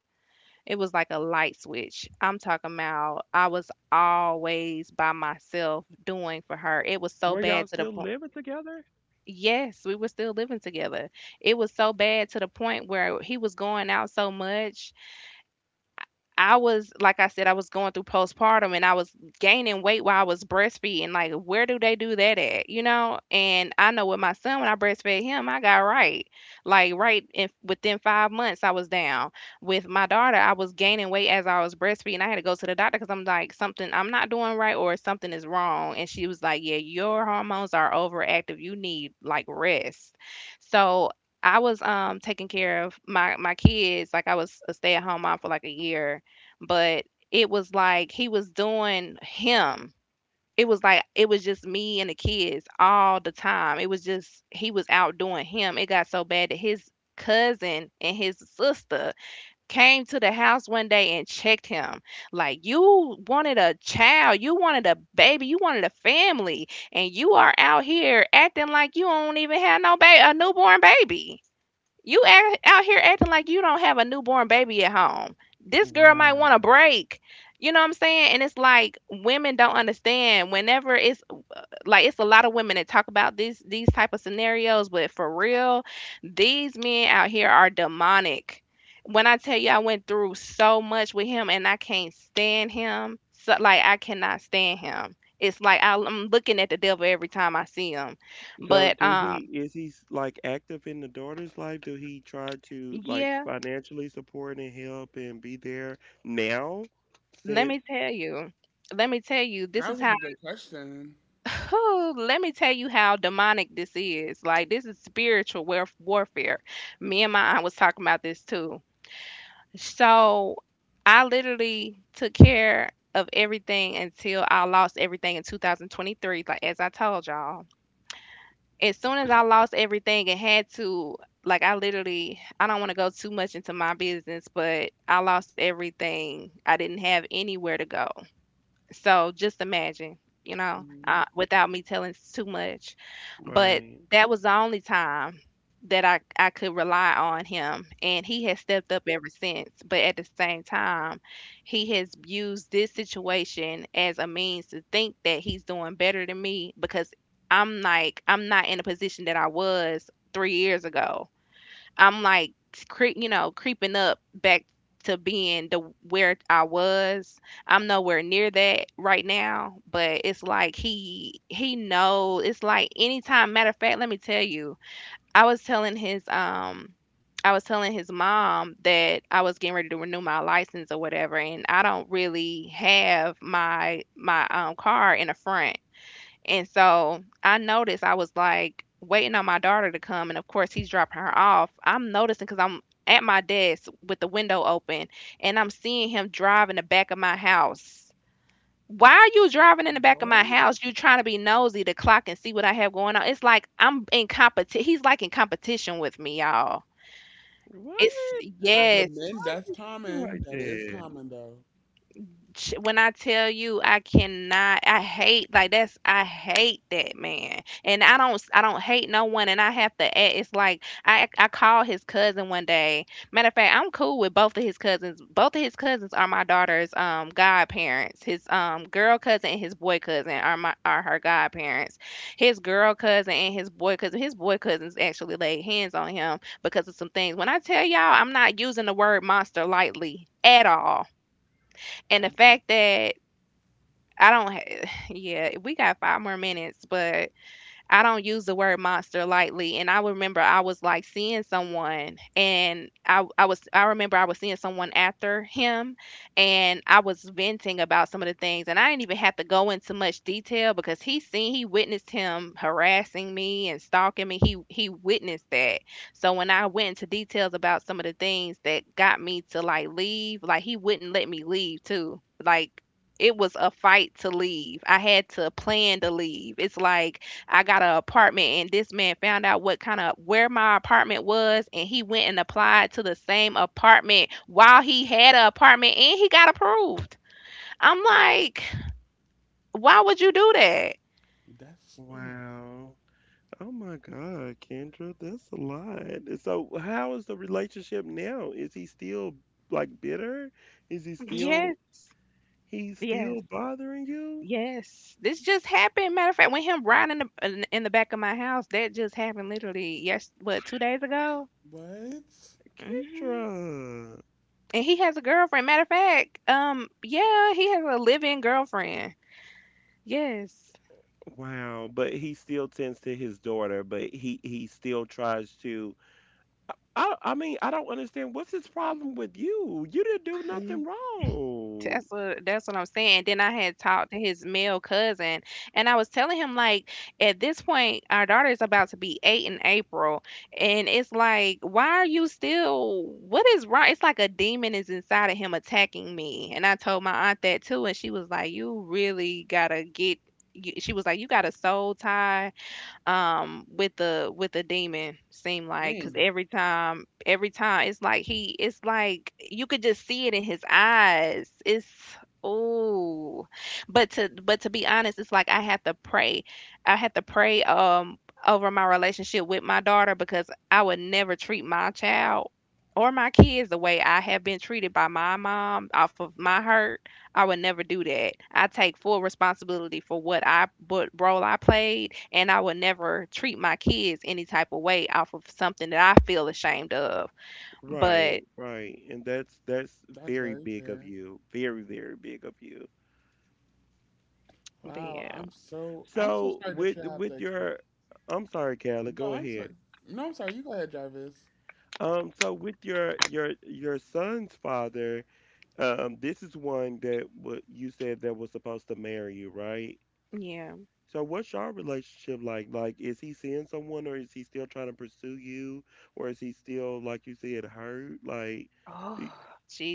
S3: It was like a light switch. I'm talking about I was always by myself doing
S2: were
S3: for
S2: y'all
S3: her. It
S2: still
S3: was so
S2: living
S3: bad to the point.
S2: together?
S3: Yes, we were still living together. It was so bad to the point where he was going out so much I was, like I said, I was going through postpartum and I was gaining weight while I was breastfeeding. Like, where do they do that at? You know? And I know with my son, when I breastfed him, I got right. Like, right in, within 5 months, I was down. With my daughter, I was gaining weight as I was breastfeeding. I had to go to the doctor because I'm like, something I'm not doing right or something is wrong. And she was like, yeah, your hormones are overactive. You need like rest. So, I was taking care of my kids like I was a stay at home mom for like a year but it was like he was doing him. It was like it was just me and the kids all the time. It was just he was out doing him. It got so bad that his cousin and his sister came to the house one day and checked him. Like, you wanted a child, you wanted a baby, you wanted a family, and you are out here acting like you don't even have no baby, a newborn baby. You act, out here acting like you don't have a newborn baby at home. This girl might
S2: Wow.
S3: want a break. You know what I'm saying? And it's like women don't understand. Whenever it's like it's a lot of women that talk about these type of scenarios, but for real, these men out here are demonic. When I tell you I went through so much with him and I can't stand him. So like I cannot stand him. It's like I'm looking at the devil every time I see him.
S2: So
S3: But
S2: do he, is he like active in the daughter's life? Do he try to like
S3: yeah.
S2: financially support and help and be there now
S3: Let me
S2: since,
S3: tell you. Let me tell you, this is
S1: That was
S3: how,
S1: a good question.
S3: whew, let me tell you how demonic this is. Like, this is spiritual warfare. Me and my aunt was talking about this too. So, I literally took care of everything until I lost everything in 2023, like as I told y'all. As soon as I lost everything and had to, like, I literally, I don't want to go too much into my business, but I lost everything. I didn't have anywhere to go. So just imagine, you know,
S1: Mhm.
S3: without me telling too much. But
S2: right.
S3: that was the only time that I could rely on him. And he has stepped up ever since. But at the same time, he has used this situation as a means to think that he's doing better than me because I'm like, I'm not in a position that I was 3 years ago. I'm like creep, you know, creeping up back to being the where I was. I'm nowhere near that right now, but it's like he knows. It's like anytime. Matter of fact, let me tell you, I was telling his um. I was telling his mom that I was getting ready to renew my license or whatever, and I don't really have my car in the front, and so I noticed I was like waiting on my daughter to come, and of course he's dropping her off. I'm noticing because I'm at my desk with the window open, and I'm seeing him drive in the back of my house. Why are you driving in the back of my
S1: What?
S3: house? You trying to be nosy to clock and see what I have going on? It's like I'm in competition. He's like in competition with me, y'all. It's
S2: What? What is,
S1: But men,
S3: yes.
S2: why is he
S1: that's
S2: thinking like
S1: common. That is
S2: that?
S1: common, though.
S3: When I tell you I cannot, I hate, like that's, I hate that man. And I don't, I don't hate no one, and I have to act it's like I called his cousin one day. Matter of fact, I'm cool with both of his cousins. Both of his cousins are my daughter's godparents. His girl cousin and his boy cousin are my are her godparents. His girl cousin and his boy cousin. His boy cousins actually laid hands on him because of some things. When I tell y'all I'm not using the word monster lightly at all, and
S1: I
S3: the
S1: can,
S3: fact that I don't ha yeah, we got 5 more minutes, but I don't use the word monster lightly. And I remember I was like seeing someone, and I remember I was seeing someone after him, and I was venting about some of the things, and I didn't even have to go into much detail because he witnessed him harassing me and stalking me. He witnessed that. So when I went into details about some of the things that got me to like leave, like he wouldn't let me leave too. Like it was a fight to leave. I had to plan to leave. It's like I got an apartment, and this man found out what kind of where my apartment was, and he went and applied to the same apartment while he had an apartment, and he got approved. I'm like, why would you do that?
S1: that's, ooh,
S2: Wow. Oh my God, Kendra, that's a lot. So how is the relationship now? Is he still like bitter? Is he still,
S3: Yes,
S2: he's still
S3: yes,
S2: bothering you?
S3: yes. This just happened. Matter of fact, when him riding in the back of my house, that just happened, literally, yes, what, 2 days ago.
S1: what?
S2: Kendra.
S3: Hmm. And he has a girlfriend. Matter of fact, yeah, he has a living girlfriend. Yes.
S2: Wow, but he still tends to his daughter, but he still tries to, I mean, I don't understand, what's his problem with you? You didn't do nothing wrong.
S3: That's what, that's what I'm saying. Then I had talked to his male cousin, and I was telling him like, at this point, our daughter is about to be 8 in April, and it's like, why are you still? What is wrong? It's like a demon is inside of him attacking me. And I told my aunt that too, and she was like, you really gotta get. She was like, you got a soul tie with the demon seem like, because
S1: Mm,
S3: every time, every time it's like he it's like you could just see it in his eyes. It's oh, but to, but to be honest, it's like I have to pray. I have to pray over my relationship with my daughter, because I would never treat my child or my kids the way I have been treated by my mom off of my hurt. I would never do that. I take full responsibility for what I what role I played, and I would never treat my kids any type of way off of something that I feel ashamed of.
S2: Right,
S3: But
S2: right. And that's
S1: that's
S2: very
S1: very
S2: big of
S1: fair.
S2: you. Very, very big of you.
S3: but
S1: Wow,
S3: yeah.
S1: I'm so
S2: So
S1: sorry that you have to
S2: with
S1: explain.
S2: your, I'm sorry, Callie,
S1: No,
S2: go
S1: I'm sorry.
S2: ahead.
S1: No, I'm sorry. You go ahead, Jarvis.
S2: So with your your son's father, this is one that, what you said, that was supposed to marry you, right?
S3: Yeah.
S2: So what's your relationship like? Like, is he seeing someone, or is he still trying to pursue you, or is he still, like you said, hurt? Like,
S3: Oh,
S2: do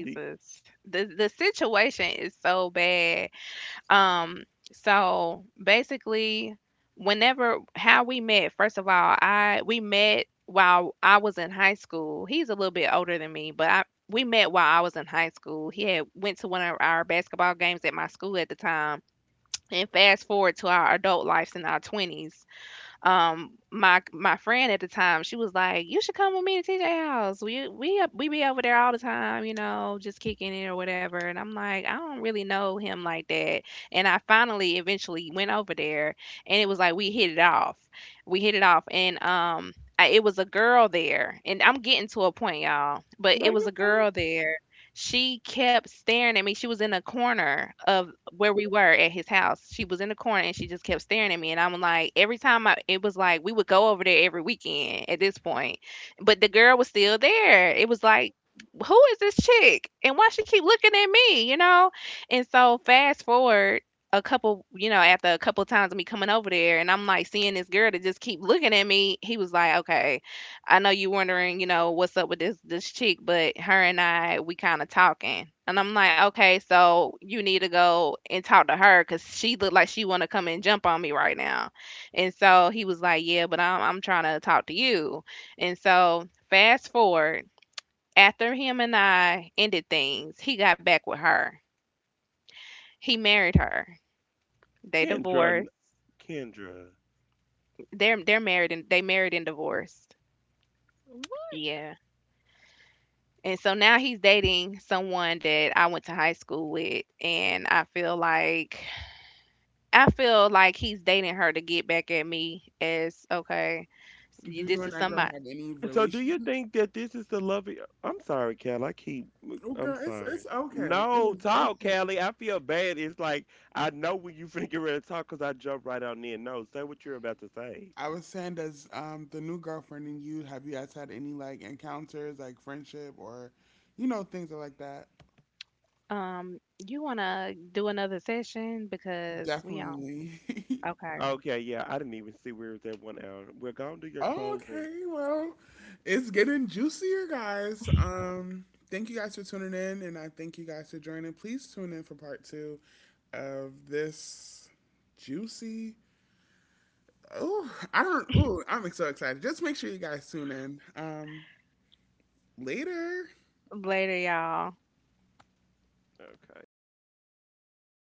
S2: do
S3: The situation is so bad. Um, so basically, whenever, how we met, first of all, I we met while I was in high school. He's a little bit older than me, but I we met while I was in high school. He had went to one of our basketball games at my school at the time. And fast forward to our adult lives in our 20s. My friend at the time, she was like, "You should come with me to TJ House. We be over there all the time, you know, just kicking it or whatever." And I'm like, "I don't really know him like that." And I finally eventually went over there, and it was like we hit it off. We hit it off, and it was a girl there, and I'm getting to a point, y'all. But
S2: no,
S3: it was
S2: you're
S3: a
S2: fine,
S3: girl there, she kept staring at me. She was in a corner of where we were at his house. She was in the corner, and she just kept staring at me. And I'm like, every it was like we would go over there every weekend at this point, but the girl was still there. It was like, who is this chick? And why she keep looking at me, you know? And so fast forward a couple, you know, after a couple times of me coming over there, and I'm like seeing this girl that just keep looking at me, he was like, okay, I know you wondering, you know, what's up with this chick, but her and I we kind of talking." And I'm like, "Okay, so you need to go and talk to her cuz she looked like she want to come and jump on me right now." And so he was like, "Yeah, but I'm trying to talk to you." And so fast forward, after him and I ended things, he got back with her. He married her. They
S2: Kendra,
S3: divorced.
S2: Kendra.
S3: They married and divorced. Yeah. And so now he's dating someone that I went to high school with, and I feel like, I feel like he's dating her to get back at me as okay, so you,
S1: Do you
S3: this
S1: and
S3: is
S1: that girl
S3: somebody
S1: have any
S2: So do you
S1: relation?
S2: think that this is the love of your, I'm sorry, Cal. I keep.
S1: Oh,
S2: I'm
S1: girl, it's
S2: sorry.
S1: okay. It
S2: No,
S1: is
S2: talk,
S1: okay.
S2: Callie. I feel bad. It's like I know when you finna get ready to talk because I jump right on in. No, say what you're about to say.
S1: I was saying, does the new girlfriend and you have you guys had any like encounters, like friendship or, you know, things like that?
S3: um you want to do another session because we on.
S1: Definitely.
S3: Okay.
S2: Okay, yeah, I didn't even see we was at one hour. We're going to do your closing.
S1: Okay, well, it's getting juicier, guys. Thank you guys for tuning in, and I thank you guys for joining. Please tune in for part two of this juicy. Oh, I don't. Oh, I'm so excited. Just make sure you guys tune in. Later.
S3: Later y'all.
S2: Okay, cool.